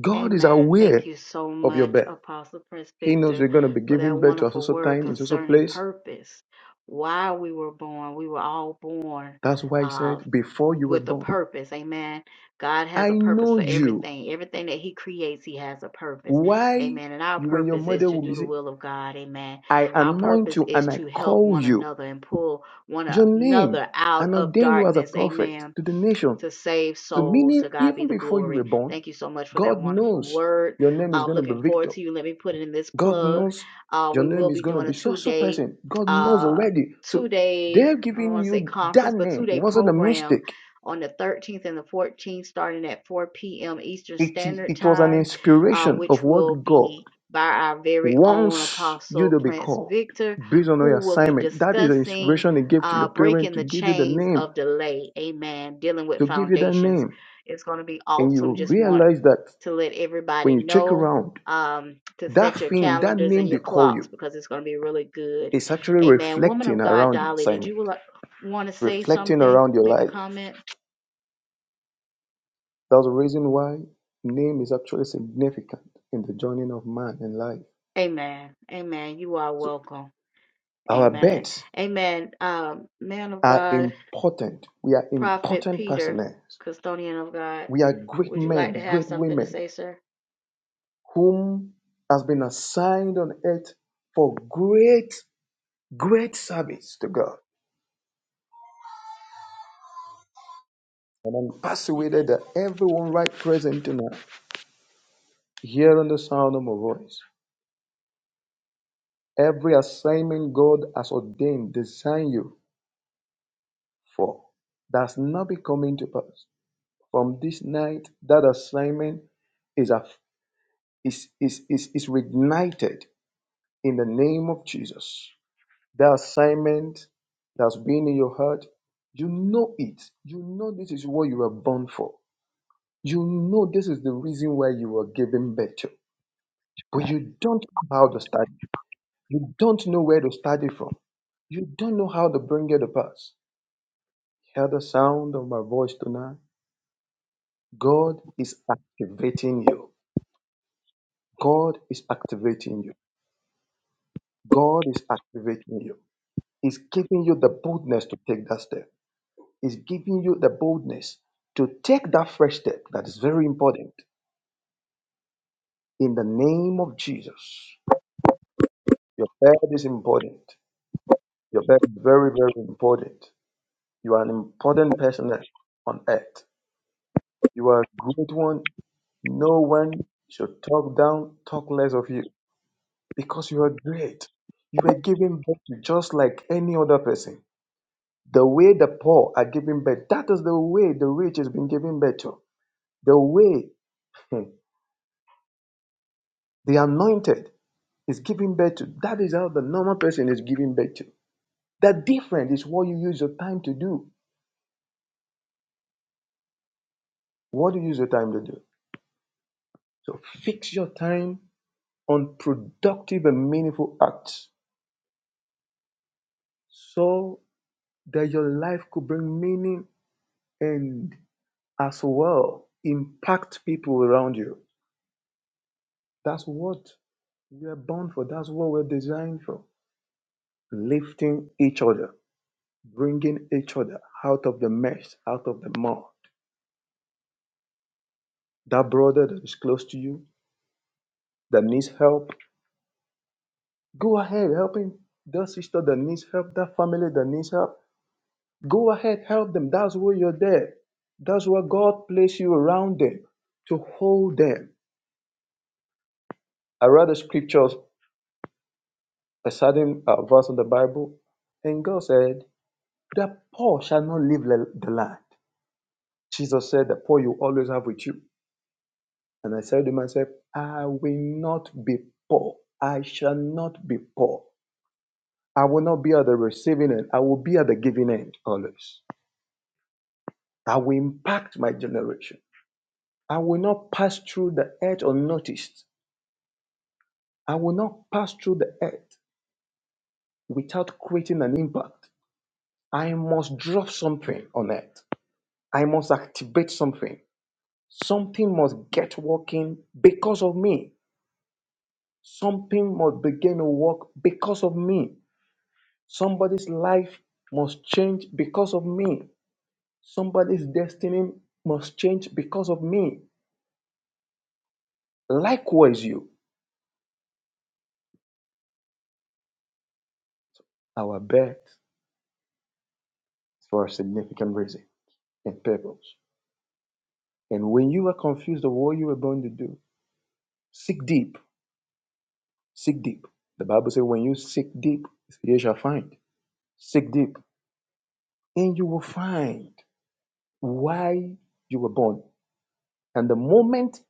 [SPEAKER 6] God is
[SPEAKER 2] Amen.
[SPEAKER 6] aware
[SPEAKER 2] Thank you so
[SPEAKER 6] of your
[SPEAKER 2] much,
[SPEAKER 6] birth.
[SPEAKER 2] Apostle Prince
[SPEAKER 6] He knows
[SPEAKER 2] Victor,
[SPEAKER 6] you're going to be
[SPEAKER 2] for that
[SPEAKER 6] giving birth to a
[SPEAKER 2] wonderful
[SPEAKER 6] social
[SPEAKER 2] word
[SPEAKER 6] time, a social
[SPEAKER 2] concerning
[SPEAKER 6] place.
[SPEAKER 2] purpose. Why we were born, we were all born
[SPEAKER 6] That's why He
[SPEAKER 2] uh,
[SPEAKER 6] said, Before you were
[SPEAKER 2] with a
[SPEAKER 6] born,
[SPEAKER 2] purpose. Amen. God
[SPEAKER 6] I
[SPEAKER 2] has a purpose
[SPEAKER 6] know
[SPEAKER 2] for
[SPEAKER 6] you.
[SPEAKER 2] everything. Everything that He creates, He has a purpose.
[SPEAKER 6] Why
[SPEAKER 2] Amen. And our
[SPEAKER 6] you and your
[SPEAKER 2] purpose is
[SPEAKER 6] mother
[SPEAKER 2] to
[SPEAKER 6] will be
[SPEAKER 2] do the
[SPEAKER 6] saying,
[SPEAKER 2] will of God. Amen.
[SPEAKER 6] I
[SPEAKER 2] Our
[SPEAKER 6] anoint
[SPEAKER 2] purpose
[SPEAKER 6] you
[SPEAKER 2] is
[SPEAKER 6] and I
[SPEAKER 2] to help
[SPEAKER 6] call
[SPEAKER 2] one
[SPEAKER 6] you
[SPEAKER 2] another and pull one
[SPEAKER 6] your name
[SPEAKER 2] another out
[SPEAKER 6] and
[SPEAKER 2] of
[SPEAKER 6] ordain you as a
[SPEAKER 2] darkness.
[SPEAKER 6] prophet
[SPEAKER 2] Amen
[SPEAKER 6] to the nation.
[SPEAKER 2] to save
[SPEAKER 6] So,
[SPEAKER 2] souls. To
[SPEAKER 6] meaning,
[SPEAKER 2] God be
[SPEAKER 6] even
[SPEAKER 2] the
[SPEAKER 6] before you were
[SPEAKER 2] glory.
[SPEAKER 6] born,
[SPEAKER 2] Thank you so much for that
[SPEAKER 6] God
[SPEAKER 2] wonderful
[SPEAKER 6] knows
[SPEAKER 2] word.
[SPEAKER 6] your name is
[SPEAKER 2] I'm
[SPEAKER 6] going to
[SPEAKER 2] looking
[SPEAKER 6] be
[SPEAKER 2] forward
[SPEAKER 6] Victor.
[SPEAKER 2] to you. Let me put in this
[SPEAKER 6] God
[SPEAKER 2] plug.
[SPEAKER 6] knows
[SPEAKER 2] Uh,
[SPEAKER 6] your
[SPEAKER 2] we
[SPEAKER 6] name
[SPEAKER 2] will
[SPEAKER 6] is
[SPEAKER 2] be
[SPEAKER 6] going to
[SPEAKER 2] doing
[SPEAKER 6] be
[SPEAKER 2] a
[SPEAKER 6] so
[SPEAKER 2] two
[SPEAKER 6] so
[SPEAKER 2] day,
[SPEAKER 6] person. God knows
[SPEAKER 2] uh,
[SPEAKER 6] already. So
[SPEAKER 2] two day,
[SPEAKER 6] they're
[SPEAKER 2] I don't
[SPEAKER 6] giving
[SPEAKER 2] want to say
[SPEAKER 6] you that
[SPEAKER 2] conference, but
[SPEAKER 6] name
[SPEAKER 2] two day
[SPEAKER 6] It wasn't a
[SPEAKER 2] program
[SPEAKER 6] mistake.
[SPEAKER 2] on the 13th and the 14th, starting at 4 p.m. Eastern
[SPEAKER 6] It, i-
[SPEAKER 2] Standard
[SPEAKER 6] it was an
[SPEAKER 2] Time, uh,
[SPEAKER 6] inspiration of
[SPEAKER 2] which will
[SPEAKER 6] what God
[SPEAKER 2] be by our very own
[SPEAKER 6] wants you
[SPEAKER 2] Apostle
[SPEAKER 6] to be
[SPEAKER 2] Prince
[SPEAKER 6] called
[SPEAKER 2] Victor,
[SPEAKER 6] based on your
[SPEAKER 2] who will be
[SPEAKER 6] assignment. That is the
[SPEAKER 2] discussing
[SPEAKER 6] inspiration He gave to your
[SPEAKER 2] uh,
[SPEAKER 6] parent
[SPEAKER 2] breaking
[SPEAKER 6] to
[SPEAKER 2] the
[SPEAKER 6] give you the
[SPEAKER 2] chains
[SPEAKER 6] name,
[SPEAKER 2] of delay. Amen. Dealing with
[SPEAKER 6] to give you that
[SPEAKER 2] foundations.
[SPEAKER 6] name.
[SPEAKER 2] It's going to be
[SPEAKER 6] And
[SPEAKER 2] awesome.
[SPEAKER 6] you
[SPEAKER 2] Just want
[SPEAKER 6] realize that
[SPEAKER 2] to let everybody
[SPEAKER 6] when you check
[SPEAKER 2] know
[SPEAKER 6] around,
[SPEAKER 2] um, to
[SPEAKER 6] that
[SPEAKER 2] set your
[SPEAKER 6] thing, that
[SPEAKER 2] calendars and
[SPEAKER 6] name they
[SPEAKER 2] your
[SPEAKER 6] call
[SPEAKER 2] clocks
[SPEAKER 6] you,
[SPEAKER 2] because it's going to be really good.
[SPEAKER 6] is actually
[SPEAKER 2] Amen. Woman
[SPEAKER 6] reflecting
[SPEAKER 2] of God,
[SPEAKER 6] around your
[SPEAKER 2] Dolly, did
[SPEAKER 6] assignment,
[SPEAKER 2] you want to say
[SPEAKER 6] reflecting
[SPEAKER 2] something?
[SPEAKER 6] around your
[SPEAKER 2] Make a
[SPEAKER 6] life.
[SPEAKER 2] comment?
[SPEAKER 6] That's the reason why name is actually significant in the journey of man in life.
[SPEAKER 2] Amen. Amen. You are
[SPEAKER 6] So
[SPEAKER 2] welcome.
[SPEAKER 6] our
[SPEAKER 2] Amen.
[SPEAKER 6] births
[SPEAKER 2] Amen. Um, man of
[SPEAKER 6] are
[SPEAKER 2] God,
[SPEAKER 6] important. We are
[SPEAKER 2] Prophet
[SPEAKER 6] important
[SPEAKER 2] Peter,
[SPEAKER 6] personnel.
[SPEAKER 2] custodian of God,
[SPEAKER 6] We are great
[SPEAKER 2] would you like to
[SPEAKER 6] men,
[SPEAKER 2] have
[SPEAKER 6] great
[SPEAKER 2] something to
[SPEAKER 6] women,
[SPEAKER 2] say, sir?
[SPEAKER 6] whom has been assigned on earth for great, great service to God. And I'm
[SPEAKER 2] Amen.
[SPEAKER 6] persuaded that everyone right present tonight, here on the sound of my voice, every assignment God has ordained, designed you for, that's not be coming to pass. from this night, that assignment is, a, is, is, is, is reignited in the name of Jesus. That assignment that's been in your heart, you know it. You know this is what you were born for. You know this is the reason why you were given birth to. But you don't know how to start. it. You don't know where to start it from. You don't know how to bring it to pass. Hear the sound of my voice tonight. God is activating you. God is activating you. God is activating you. He's giving you the boldness to take that step. He's giving you the boldness to take that fresh step that is very important. In the name of Jesus, your bed is important. Your bed is very, very important. You are an important person on earth. You are a great one. No one should talk down, talk less of you because you are great. You were given birth to just like any other person The way the poor are giving birth, that is the way the rich is being given birth to. The way hmm, the anointed is giving birth to, that is how the normal person is giving birth to. The difference is what you use your time to do. What do you use your time to do? So fix your time on productive and meaningful acts so that your life could bring meaning and as well impact people around you. That's what we are born for. That's what we're designed for. lifting each other, bringing each other out of the mess, out of the mud. That brother that is close to you that needs help, go ahead, help him. That sister that needs help, that family that needs help, go ahead, help them. That's why you're there. That's why God placed you around them to hold them. I read the scriptures, a certain uh, verse in the Bible, and God said, The poor shall not leave the the land. Jesus said, The poor you always have with you. And I said to myself, I will not be poor. I shall not be poor. I will not be at the receiving end. I will be at the giving end always. I will impact my generation. I will not pass through the earth unnoticed. I will not pass through the earth without creating an impact. I must drop something on earth. I must activate something. Something must get working because of me. Something must begin to work because of me. Somebody's life must change because of me. Somebody's destiny must change because of me. Likewise, you, our birth is for a significant reason and purpose. And when you are confused of what you were born to do, seek deep. Seek deep. The Bible says, when you seek deep, you shall find. Seek deep, and you will find why you were born. And the moment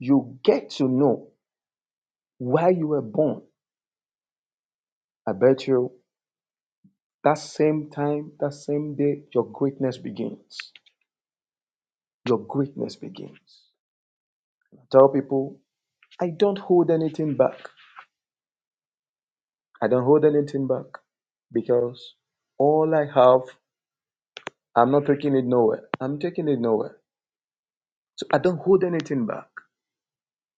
[SPEAKER 6] you get to know why you were born, I bet you That same time, that same day, your greatness begins. Your greatness begins. I Tell people, I don't hold anything back. I don't hold anything back because all I have, I'm not taking it nowhere. I'm taking it nowhere. So I don't hold anything back.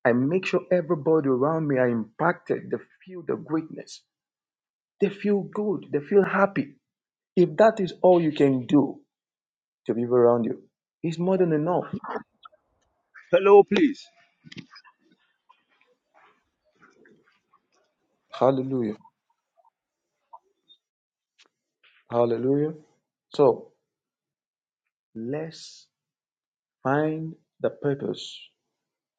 [SPEAKER 6] I make sure everybody around me are impacted. They feel the greatness. They feel good. They feel happy. If that is all you can do to people around you, it's more than enough.
[SPEAKER 5] Hello, please.
[SPEAKER 6] Hallelujah. Hallelujah. So let's find the purpose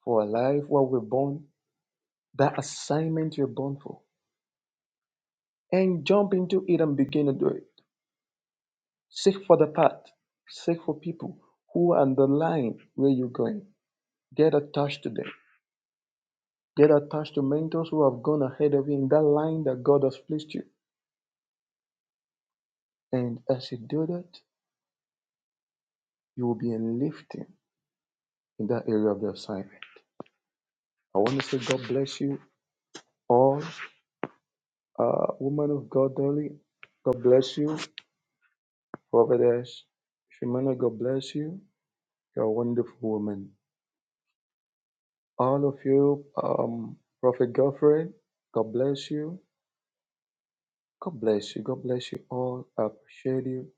[SPEAKER 6] for our life, what we're born, that assignment you're born for, and jump into it and begin to do it. Seek for the path, seek for people who are on the line where you're going. Get attached to them. Get attached to mentors who have gone ahead of you in that line that God has placed you. And as you do that, you will be enlifting in that area of the assignment. I want to say God bless you all. Uh, woman of God, darling. God bless you. Providence, Shimona, God bless you. You're a wonderful woman. All of you, um, Prophet Godfrey, God bless you. God bless you. God bless you all. I appreciate you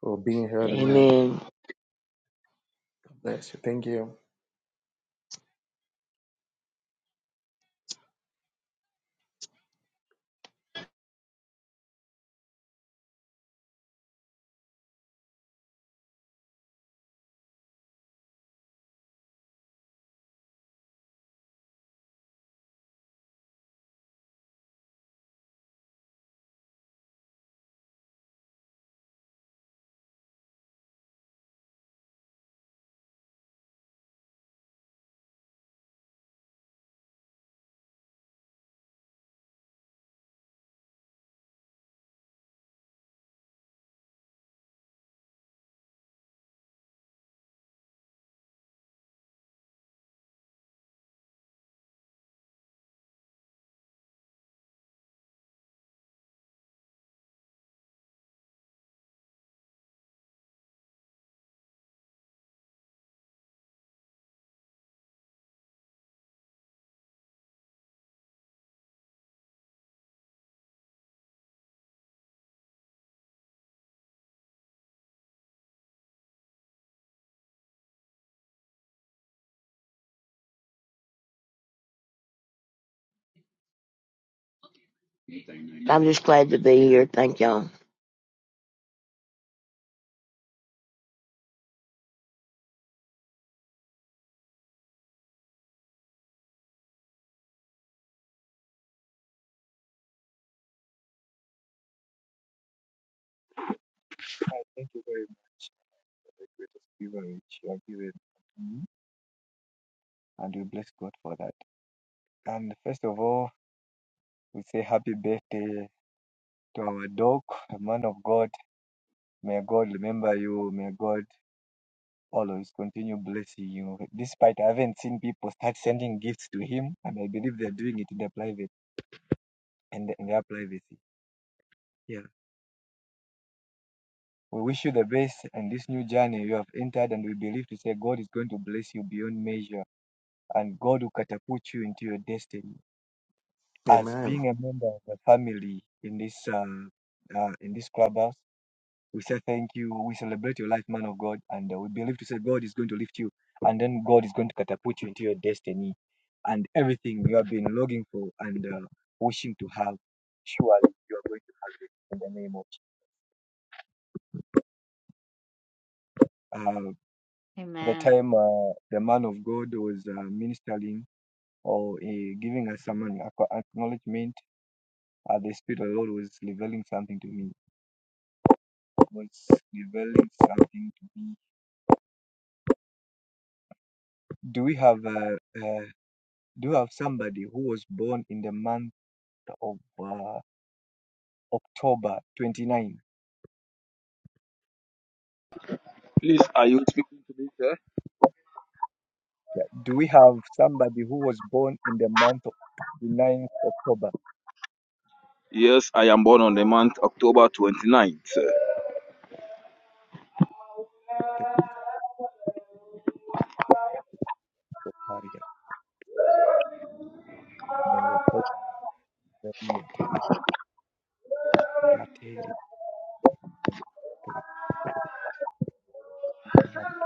[SPEAKER 6] for being here tonight.
[SPEAKER 10] Amen.
[SPEAKER 6] God bless you. Thank you.
[SPEAKER 10] I'm just glad to be here. Thank y'all.
[SPEAKER 11] Thank you very much for the greatest giver you have given me, and we bless God for that. And first of all, we say happy birthday to our dog, a man of God. May God remember you. May God always continue blessing you. Despite I haven't seen people start sending gifts to him, and I believe they're doing it in their private and in their privacy. Yeah. We wish you the best in this new journey you have entered, and we believe to say God is going to bless you beyond measure, and God will catapult you into your destiny. as
[SPEAKER 6] Amen.
[SPEAKER 11] being a member of the family in this um, uh, in this clubhouse. We say thank you. We celebrate your life, man of God, and uh, we believe to say God is going to lift you, and then God is going to catapult you into your destiny, and everything you have been longing for and uh, wishing to have. Surely you are going to have it in the name of. Uh, at the
[SPEAKER 2] Amen.
[SPEAKER 11] time uh, the man of God was uh, ministering or uh, giving us some ac- acknowledgement, uh, the Spirit of the Lord was revealing something to me was developing something to be. Do we have a, uh, do we have somebody who was born in the month of uh, October 29?
[SPEAKER 5] Please, are you speaking to me, sir?
[SPEAKER 11] Yeah. Do we have somebody who was born in the month of 29th October?
[SPEAKER 5] Yes, I am born on the month October twenty ninth.
[SPEAKER 11] Thank you, Soparia. Melekotevia Tarateri Pamamel.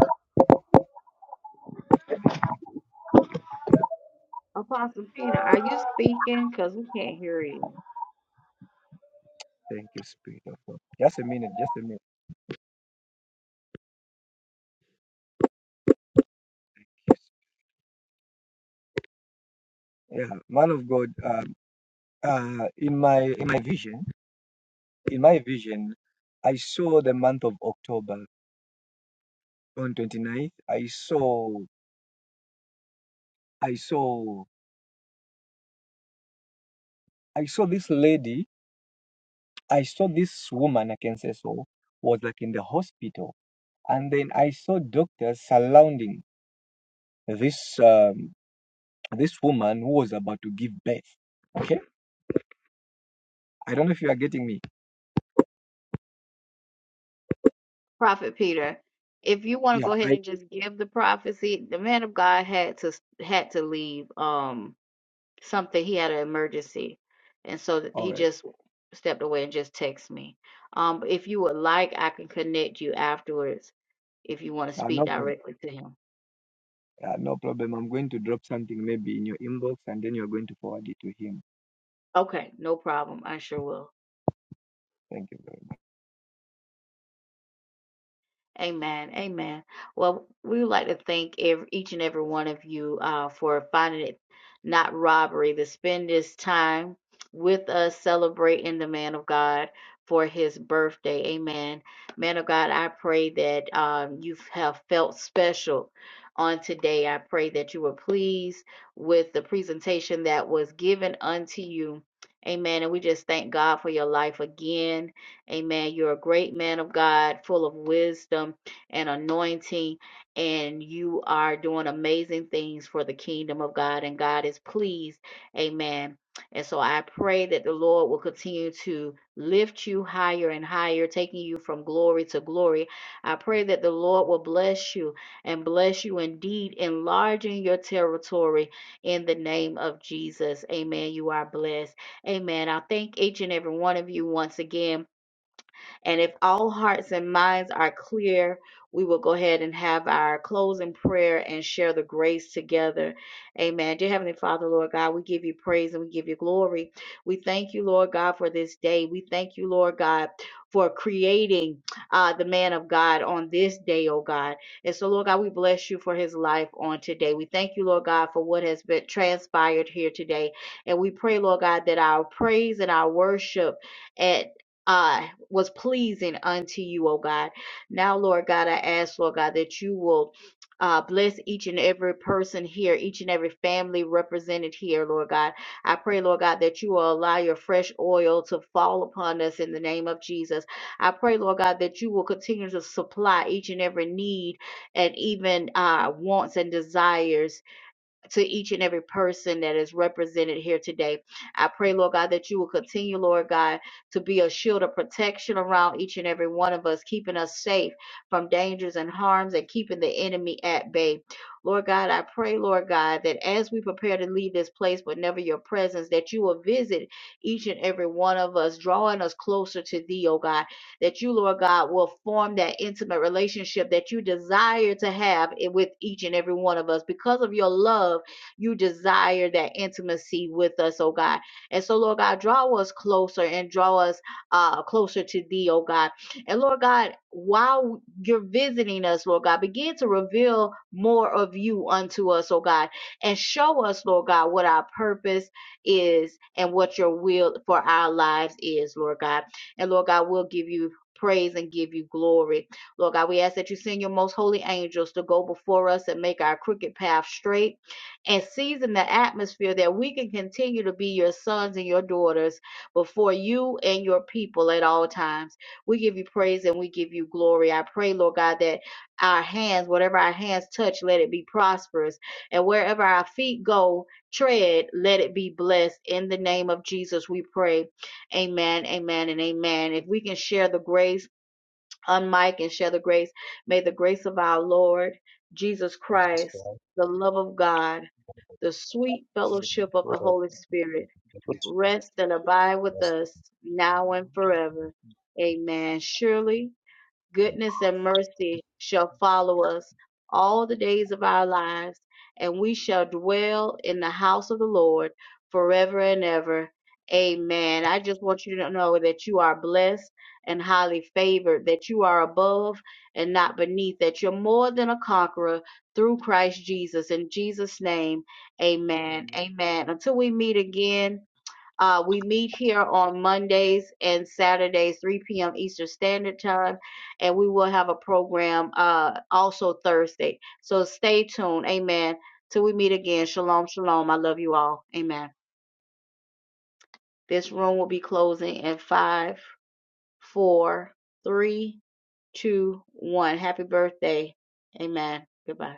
[SPEAKER 2] Apostle Peter, are you speaking? Because we can't hear you.
[SPEAKER 11] Thank you, Spirit of God. Just a minute, just a minute. Yeah, man of God. Um, uh, in my in my vision, in my vision, I saw the month of October on twenty ninth, i saw i saw i saw this lady i saw this woman i can say so was like in the hospital and then i saw doctors surrounding this um this woman who was about to give birth okay i don't know if you are getting me
[SPEAKER 2] Prophet Peter, if you want to
[SPEAKER 11] yeah
[SPEAKER 2] go
[SPEAKER 11] i
[SPEAKER 2] ahead and just give the prophecy, the man of God had to had to leave um something. He had an emergency, and so th-
[SPEAKER 11] all
[SPEAKER 2] he
[SPEAKER 11] right
[SPEAKER 2] just stepped away and just texted me. Um, if you would like, I can connect you afterwards if you want to
[SPEAKER 11] uh,
[SPEAKER 2] speak
[SPEAKER 11] no, prob-
[SPEAKER 2] directly to him.
[SPEAKER 11] uh, no problem i'm going to drop something maybe in your inbox and then you're going to forward it to him
[SPEAKER 2] Okay, no problem. I sure will.
[SPEAKER 11] thank you very
[SPEAKER 2] Amen. Amen. Well, we would like to thank every, each and every one of you uh, for finding it not robbery to spend this time with us celebrating the man of God for his birthday. Amen. Man of God, I pray that um, you have felt special on today. I pray that you were pleased with the presentation that was given unto you. Amen. And we just thank God for your life again. Amen. You're a great man of God, full of wisdom and anointing, and you are doing amazing things for the kingdom of God, and God is pleased. Amen. And so I pray that the Lord will continue to lift you higher and higher, taking you from glory to glory. I pray that the Lord will bless you and bless you indeed, enlarging your territory in the name of Jesus. Amen. You are blessed. Amen. I thank each and every one of you once again and if all hearts and minds are clear, we will go ahead and have our closing prayer and share the grace together. Amen. Dear Heavenly Father, Lord God, we give you praise and we give you glory. We thank you, Lord God, for this day. We thank you, Lord God, for creating uh, the man of God on this day, oh God. And so, Lord God, we bless you for his life on today. We thank you, Lord God, for what has been transpired here today. And we pray, Lord God, that our praise and our worship at I was pleasing unto you, O God. Now, Lord God, I ask, Lord God, that you will uh, bless each and every person here, each and every family represented here, Lord God. I pray, Lord God, that you will allow your fresh oil to fall upon us in the name of Jesus. I pray, Lord God, that you will continue to supply each and every need and even uh, wants and desires to each and every person that is represented here today. I pray, Lord God, that you will continue, Lord God, to be a shield of protection around each and every one of us, keeping us safe from dangers and harms and keeping the enemy at bay. Lord God, I pray, Lord God, that as we prepare to leave this place, but never your presence, that you will visit each and every one of us, drawing us closer to thee, oh God. That you, Lord God, will form that intimate relationship that you desire to have i- with each and every one of us because of your love you desire that intimacy with us, oh God. And so, Lord God, draw us closer and draw us uh, closer to thee, oh God. And Lord God, while you're visiting us, Lord God, begin to reveal more of you unto us, oh God, and show us, Lord God, what our purpose is and what your will for our lives is, Lord God. And Lord God, we'll give you praise and give you glory. Lord God, we ask that you send your most holy angels to go before us and make our crooked path straight and season the atmosphere that we can continue to be your sons and your daughters before you and your people at all times. We give you praise and we give you glory. I pray, Lord God, that our hands, whatever our hands touch, let it be prosperous. And wherever our feet go, tread, let it be blessed. In the name of Jesus, we pray. Amen, amen, and amen. If we can share the grace, unmic and share the grace, may the grace of our Lord Jesus Christ, the love of God the sweet fellowship of the Holy Spirit rest and abide with us now and forever. Amen. Surely goodness and mercy shall follow us all the days of our lives, and we shall dwell in the house of the Lord forever and ever. Amen. I just want you to know that you are blessed and highly favored, that you are above and not beneath, that you're more than a conqueror through Christ Jesus. In Jesus' name, amen. Amen. Until we meet again. Uh, we meet here on Mondays and Saturdays, 3 p.m. Eastern Standard Time, and we will have a program uh, also Thursday. So stay tuned. Amen. Till we meet again. Shalom, shalom. I love you all. Amen. This room will be closing in five, four, three, two, one. Happy birthday. Amen. Goodbye.